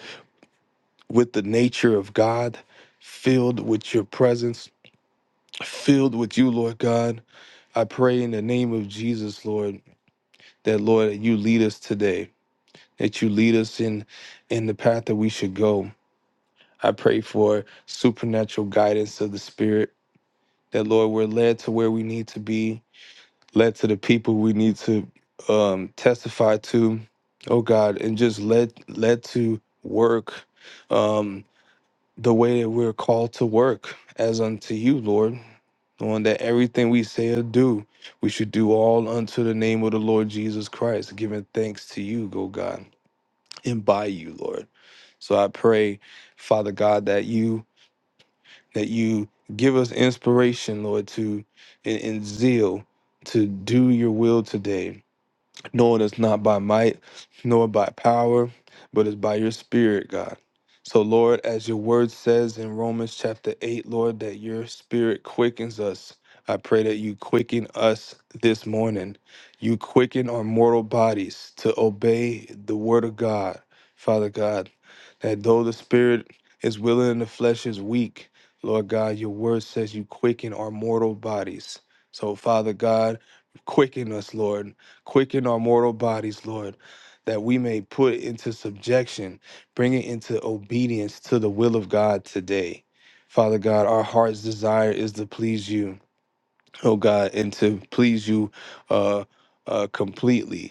with the nature of God, filled with your presence, filled with you, Lord God. I pray in the name of Jesus, Lord, that Lord, that you lead us today, that you lead us in in the path that we should go. I pray for supernatural guidance of the Spirit, that Lord, we're led to where we need to be, led to the people we need to um, testify to, oh God, and just led led to work um, the way that we're called to work as unto you, Lord. Knowing that everything we say or do, we should do all unto the name of the Lord Jesus Christ, giving thanks to you, oh God, and by you, Lord. So I pray, Father God, that you that you give us inspiration, Lord, to in, in zeal to do your will today knowing it's not by might nor by power, but it's by your spirit, God. So, Lord, as your word says in Romans chapter 8, Lord, that your spirit quickens us. I pray that you quicken us this morning. You quicken our mortal bodies to obey the word of God, Father God. That though the spirit is willing and the flesh is weak, Lord God, your word says you quicken our mortal bodies. So, Father God, quicken us, Lord Quicken our mortal bodies, Lord, that we may put it into subjection, bring it into obedience to the will of God today. Father God, our heart's desire is to please you, oh God, and to please you uh, uh, completely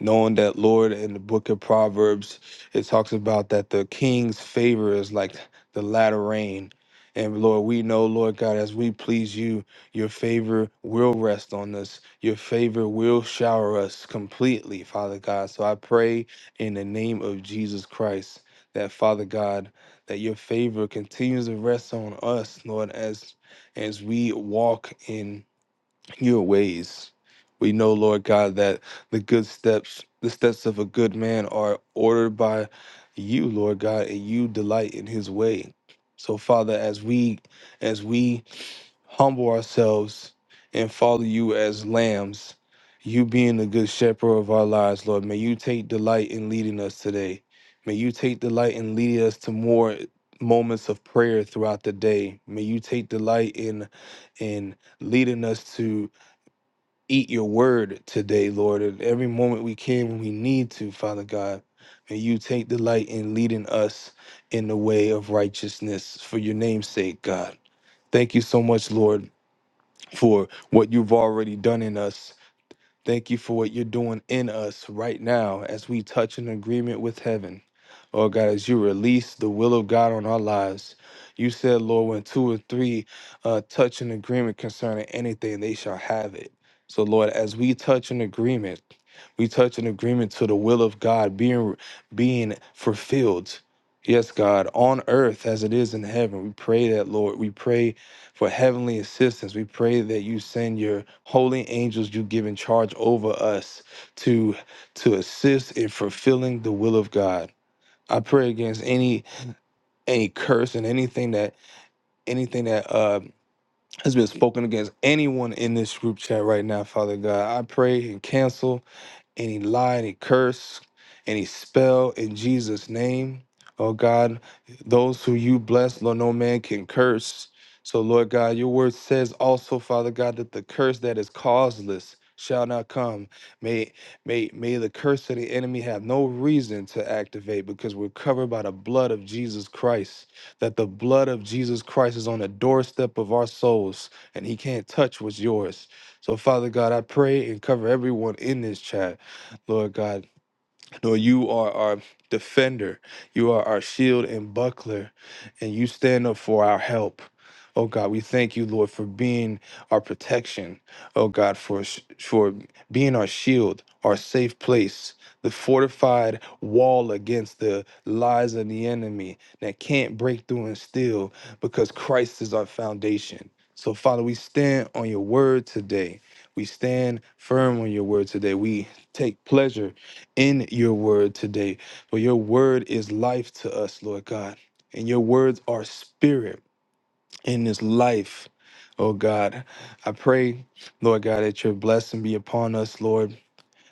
knowing that lord in the book of proverbs it talks about that the king's favor is like the latter rain and lord we know lord god as we please you your favor will rest on us your favor will shower us completely father god so i pray in the name of jesus christ that father god that your favor continues to rest on us lord as as we walk in your ways. We know, Lord God, that the good steps, the steps of a good man are ordered by you, Lord God, and you delight in his way. So Father, as we as we humble ourselves and follow you as lambs, you being the good shepherd of our lives, Lord, may you take delight in leading us today. May you take delight in leading us to more moments of prayer throughout the day. May you take delight in in leading us to eat your word today, Lord. At every moment we can when we need to, Father God, may you take delight in leading us in the way of righteousness for your name's sake, God. Thank you so much, Lord, for what you've already done in us Thank you for what you're doing in us right now as we touch an agreement with heaven. Lord God, as you release the will of God on our lives, you said, Lord, when two or three uh, touch an agreement concerning anything, they shall have it. So, Lord, as we touch an agreement, we touch an agreement to the will of God being being fulfilled. Yes, God, on earth as it is in heaven. We pray that, Lord. We pray for heavenly assistance. We pray that you send your holy angels you give in charge over us to to assist in fulfilling the will of God. I pray against any any curse and anything that anything that uh, has been spoken against anyone in this group chat right now, Father God. I pray and cancel any lie, any curse, any spell in Jesus' name. Oh God, those who you bless, Lord, no man can curse. So, Lord God, your word says also, Father God, that the curse that is causeless shall not come. May may may the curse of the enemy have no reason to activate because we're covered by the blood of Jesus Christ. That the blood of Jesus Christ is on the doorstep of our souls, and he can't touch what's yours. So, Father God, I pray and cover everyone in this chat. Lord God. Lord, you are our defender. You are our shield and buckler, and you stand up for our help. Oh God, we thank you, Lord, for being our protection. Oh God, for sh- for being our shield, our safe place, the fortified wall against the lies of the enemy that can't break through and steal, because Christ is our foundation. So Father, we stand on your word today. We stand firm on your word today. We take pleasure in your word today. For your word is life to us, Lord God. And your words are spirit in this life. Oh God, I pray, Lord God, that your blessing be upon us, Lord,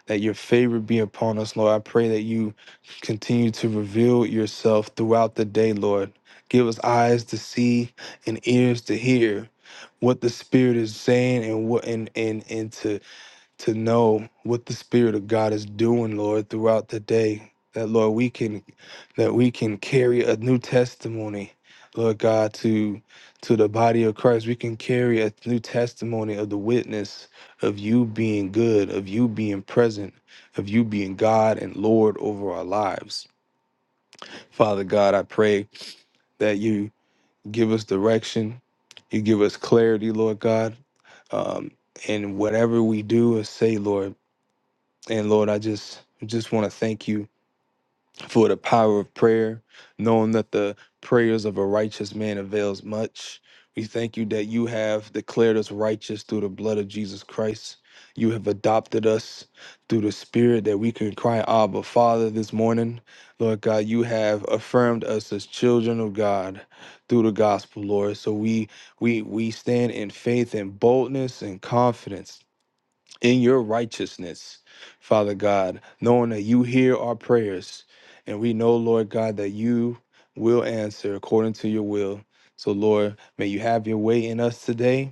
that your favor be upon us, Lord. I pray that you continue to reveal yourself throughout the day, Lord. Give us eyes to see and ears to hear what the Spirit is saying and what and and and to to know what the spirit of god is doing lord throughout the day that lord we can that we can carry a new testimony lord god to to the body of christ we can carry a new testimony of the witness of you being good of you being present of you being god and lord over our lives father god i pray that you give us direction you give us clarity lord god um, and whatever we do or say lord and Lord, I just just want to thank you for the power of prayer, knowing that the prayers of a righteous man avails much. We thank you that you have declared us righteous through the blood of Jesus Christ. You have adopted us through the Spirit that we can cry, Abba, Father, this morning. Lord God, you have affirmed us as children of God through the gospel, Lord. So we we we stand in faith and boldness and confidence in your righteousness, Father God, knowing that you hear our prayers. And we know, Lord God, that you will answer according to your will. So, Lord, may you have your way in us today.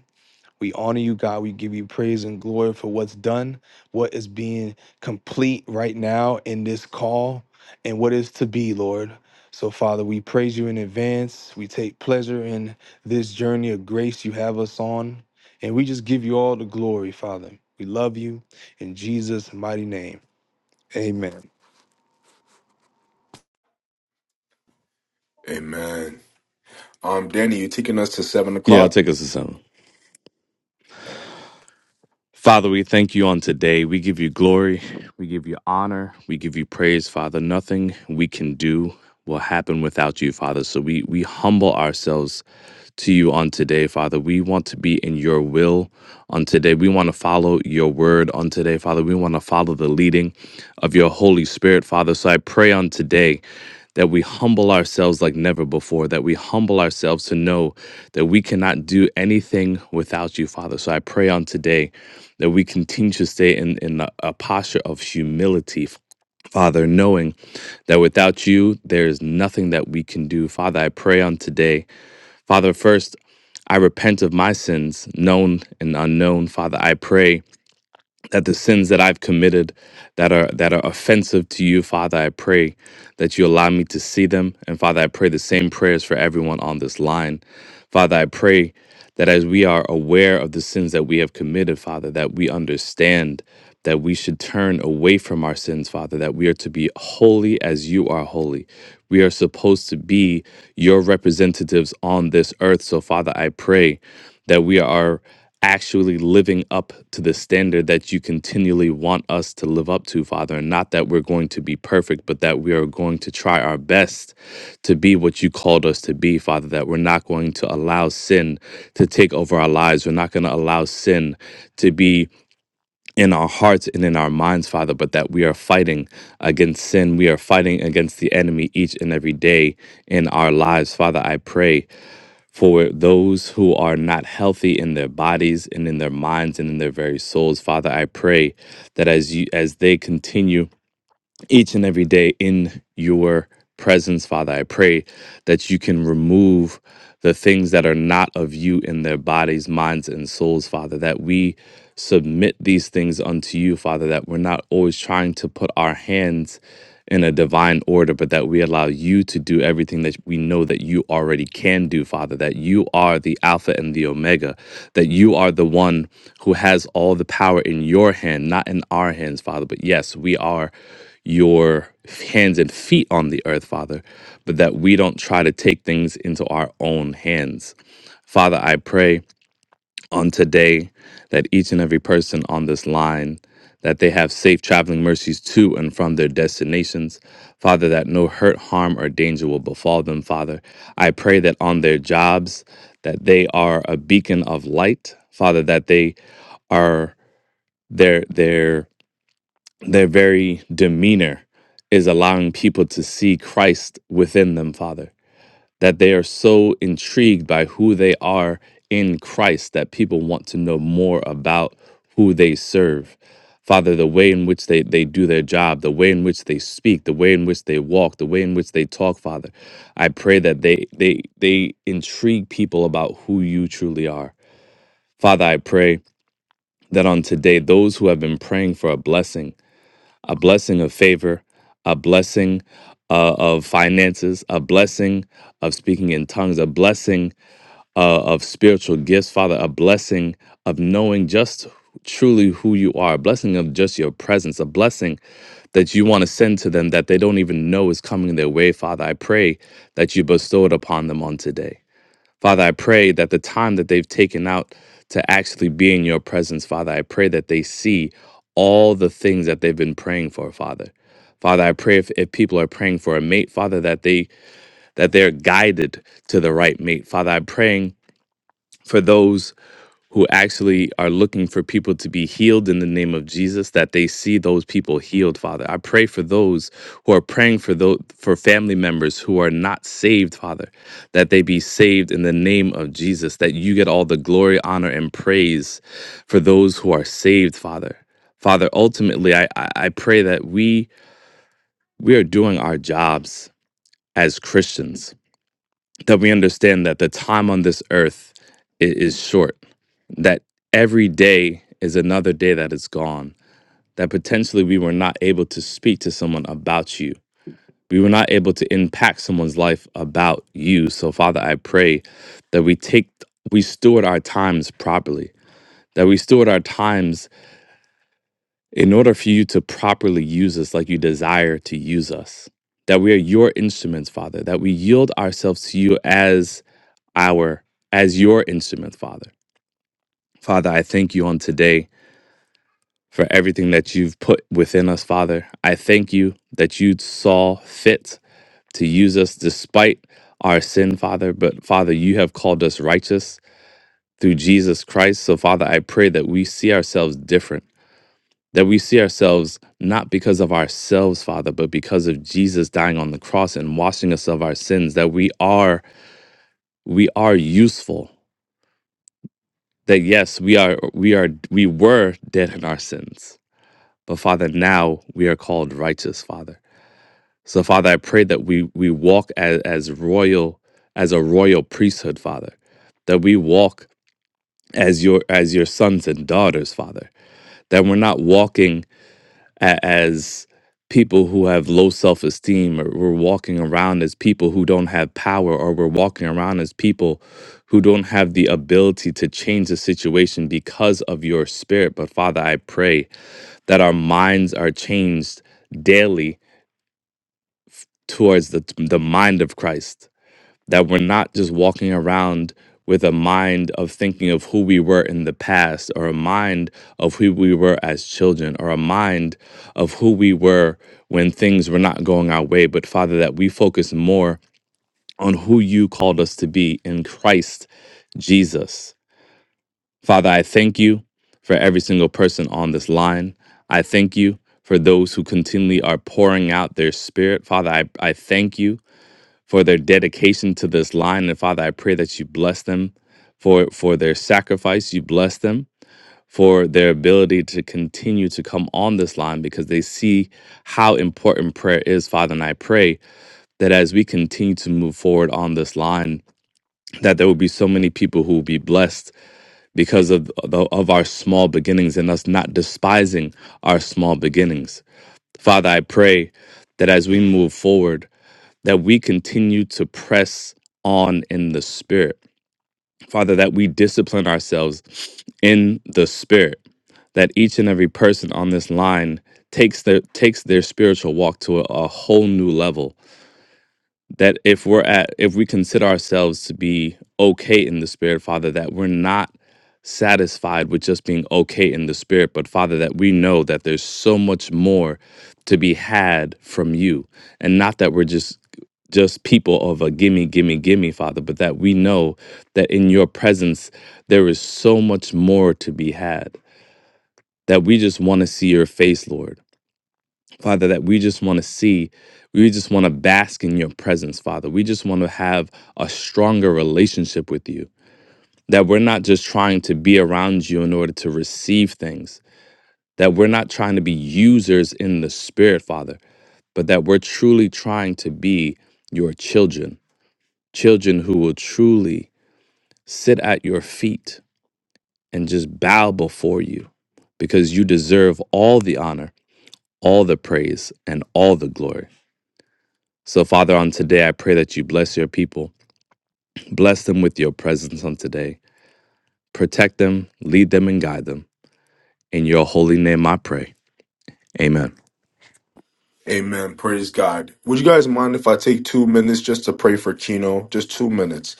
We honor you, God. We give you praise and glory for what's done, what is being complete right now in this call, and what is to be, Lord. So, Father, we praise you in advance. We take pleasure in this journey of grace you have us on, and we just give you all the glory, Father. We love you in Jesus' mighty name. Amen. Amen. Um, Danny, you taking us to seven Yeah, it'll o'clock? take us to seven. Father, we thank you on today. We give you glory. We give you honor. We give you praise, Father. Nothing we can do will happen without you, Father. So we, we humble ourselves to you on today, Father. We want to be in your will on today. We want to follow your word on today, Father. We want to follow the leading of your Holy Spirit, Father. So I pray on today that we humble ourselves like never before, that we humble ourselves to know that we cannot do anything without you, Father. So I pray on today that we continue to stay in, in a, a posture of humility. Father, knowing that without you, there is nothing that we can do. Father, I pray on today. Father, first, I repent of my sins, known and unknown. Father, I pray that the sins that I've committed that are that are offensive to you, Father, I pray that you allow me to see them. And Father, I pray the same prayers for everyone on this line. Father, I pray that as we are aware of the sins that we have committed, Father, that we understand that we should turn away from our sins, Father, that we are to be holy as you are holy. We are supposed to be your representatives on this earth. So, Father, I pray that we are actually living up to the standard that you continually want us to live up to, Father. And not that we're going to be perfect, but that we are going to try our best to be what you called us to be, Father. That we're not going to allow sin to take over our lives. We're not going to allow sin to be in our hearts and in our minds, Father, but that we are fighting against sin. We are fighting against the enemy each and every day in our lives, Father. I pray for those who are not healthy in their bodies and in their minds and in their very souls father i pray that as you as they continue each and every day in your presence father i pray that you can remove the things that are not of you in their bodies minds and souls father that we submit these things unto you father that we're not always trying to put our hands in a divine order, but that we allow you to do everything that we know that you already can do, Father, that you are the Alpha and the Omega, that you are the one who has all the power in your hand, not in our hands, Father. But yes, we are your hands and feet on the earth, Father, but that we don't try to take things into our own hands. Father, I pray on today that each and every person on this line that they have safe traveling mercies to and from their destinations father that no hurt harm or danger will befall them father i pray that on their jobs that they are a beacon of light father that they are their their their very demeanor is allowing people to see christ within them father that they are so intrigued by who they are in Christ that people want to know more about who they serve. Father, the way in which they, they do their job, the way in which they speak, the way in which they walk, the way in which they talk, Father, I pray that they they they intrigue people about who you truly are. Father, I pray that on today, those who have been praying for a blessing, a blessing of favor, a blessing uh, of finances, a blessing of speaking in tongues, a blessing uh, of spiritual gifts, Father, a blessing of knowing just truly who you are, a blessing of just your presence, a blessing that you want to send to them that they don't even know is coming their way, Father. I pray that you bestow it upon them on today. Father, I pray that the time that they've taken out to actually be in your presence, Father, I pray that they see all the things that they've been praying for, Father. Father, I pray if, if people are praying for a mate, Father, that they that they're guided to the right mate. Father, I'm praying for those who actually are looking for people to be healed in the name of Jesus that they see those people healed father i pray for those who are praying for those for family members who are not saved father that they be saved in the name of Jesus that you get all the glory honor and praise for those who are saved father father ultimately i i, I pray that we we are doing our jobs as christians that we understand that the time on this earth i- is short that every day is another day that is gone, that potentially we were not able to speak to someone about you. We were not able to impact someone's life about you. So, Father, I pray that we take, we steward our times properly, that we steward our times in order for you to properly use us like you desire to use us, that we are your instruments, Father, that we yield ourselves to you as our, as your instrument, Father. Father, I thank you on today for everything that you've put within us, Father. I thank you that you saw fit to use us despite our sin, Father. But Father, you have called us righteous through Jesus Christ. So, Father, I pray that we see ourselves different, that we see ourselves not because of ourselves, Father, but because of Jesus dying on the cross and washing us of our sins, that we are we are useful. That yes, we are we are we were dead in our sins. But Father, now we are called righteous, Father. So, Father, I pray that we we walk as, as royal, as a royal priesthood, Father, that we walk as your as your sons and daughters, Father, that we're not walking a- as people who have low self esteem, or we're walking around as people who don't have power, or we're walking around as people who don't have the ability to change the situation because of your spirit. But Father, I pray that our minds are changed daily towards the the mind of Christ that we're not just walking around with a mind of thinking of who we were in the past or a mind of who we were as children or a mind of who we were when things were not going our way but father that we focus more on who you called us to be in Christ Jesus father i thank you for every single person on this line i thank you for those who continually are pouring out their spirit father i, I thank you for their dedication to this line. And Father, I pray that you bless them for for their sacrifice. You bless them for their ability to continue to come on this line because they see how important prayer is, Father. And I pray that as we continue to move forward on this line, that there will be so many people who will be blessed because of the, of our small beginnings and us not despising our small beginnings. Father, I pray that as we move forward that we continue to press on in the spirit. Father, that we discipline ourselves in the spirit, that each and every person on this line takes their takes their spiritual walk to a, a whole new level that if we're at if we consider ourselves to be okay in the spirit father that we're not satisfied with just being okay in the spirit but father that we know that there's so much more to be had from you and not that we're just just people of a gimme gimme gimme father but that we know that in your presence there is so much more to be had that we just want to see your face lord Father, that we just want to see, we just want to bask in your presence, Father. We just want to have a stronger relationship with you. That we're not just trying to be around you in order to receive things, that we're not trying to be users in the spirit, Father, but that we're truly trying to be your children, children who will truly sit at your feet and just bow before you because you deserve all the honor, all the praise, and all the glory. So, Father, on today, I pray that you bless your people. Bless them with your presence on today. Protect them, lead them, and guide them. In your holy name, I pray. Amen. Amen. Praise God. Would you guys mind if I take two minutes just to pray for Kino? Just two minutes.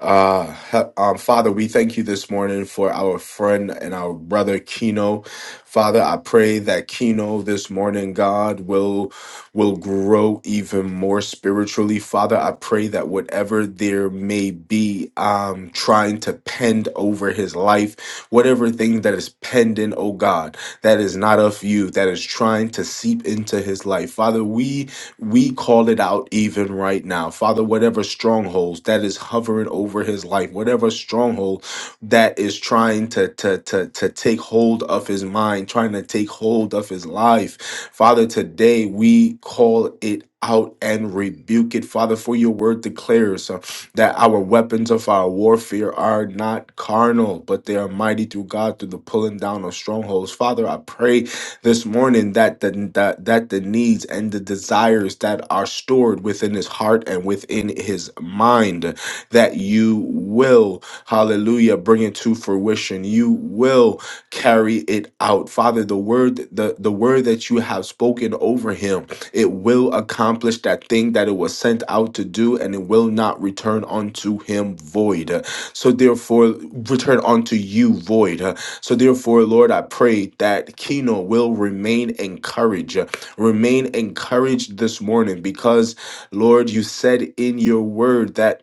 Uh, he- um, Father, we thank you this morning for our friend and our brother Kino. Father, I pray that Kino this morning, God, will will grow even more spiritually. Father, I pray that whatever there may be um, trying to pend over his life, whatever thing that is pending, oh God, that is not of you, that is trying to seep into his life. Father, we we call it out even right now. Father, whatever strongholds that is hovering over his life, whatever stronghold that is trying to, to, to, to take hold of his mind, trying to take hold of his life, Father, today we call it out and rebuke it, Father, for your word declares uh, that our weapons of our warfare are not carnal, but they are mighty through God through the pulling down of strongholds. Father, I pray this morning that the that, that the needs and the desires that are stored within his heart and within his mind that you will hallelujah bring it to fruition you will carry it out father the word the the word that you have spoken over him it will accomplish that thing that it was sent out to do and it will not return unto him void so therefore return unto you void so, therefore, Lord, I pray that Keno will remain encouraged, remain encouraged this morning because, Lord, you said in your word that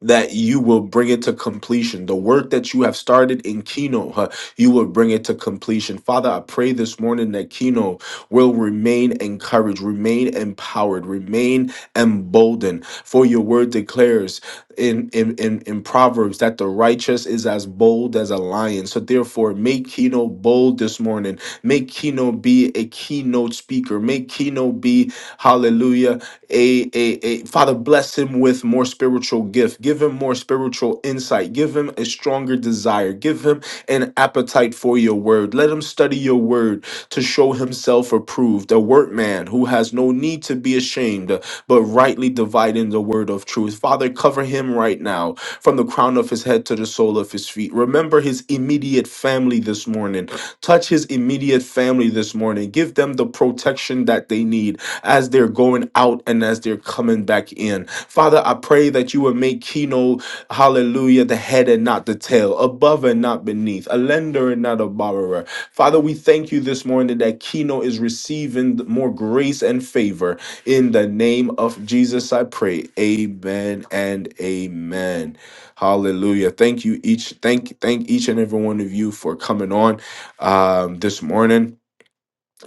that you will bring it to completion. The work that you have started in Kino, huh, you will bring it to completion. Father, I pray this morning that Kino will remain encouraged, remain empowered, remain emboldened. For your word declares in, in, in, in Proverbs that the righteous is as bold as a lion. So therefore, make Kino bold this morning. Make Kino be a keynote speaker. Make Kino be, hallelujah, a, a, a father bless him with more spiritual gift give him more spiritual insight give him a stronger desire give him an appetite for your word let him study your word to show himself approved a workman who has no need to be ashamed but rightly dividing the word of truth father cover him right now from the crown of his head to the sole of his feet remember his immediate family this morning Touch his immediate family this morning. Give them the protection that they need as they're going out and as they're coming back in. Father, I pray that you would make Keno, hallelujah, the head and not the tail, above and not beneath, a lender and not a borrower. Father, we thank you this morning that Keno is receiving more grace and favor. In the name of Jesus, I pray. Amen and amen. Hallelujah. Thank you each. Thank thank each and every one of you for coming on um, this morning.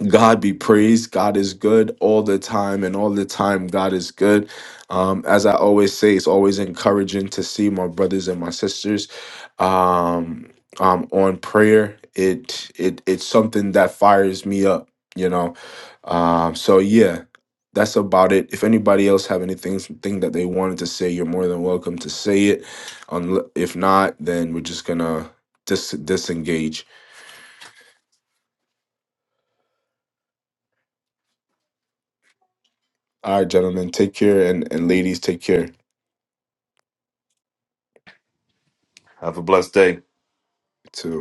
God be praised. God is good all the time, and all the time, God is good. Um, as I always say, it's always encouraging to see my brothers and my sisters um, um, on prayer. It it it's something that fires me up, you know. Um, so yeah, that's about it. If anybody else have anything thing that they wanted to say, you're more than welcome to say it. Unle- If not, then we're just gonna dis- disengage. All right, gentlemen, take care, and and ladies, take care Have a blessed day. too.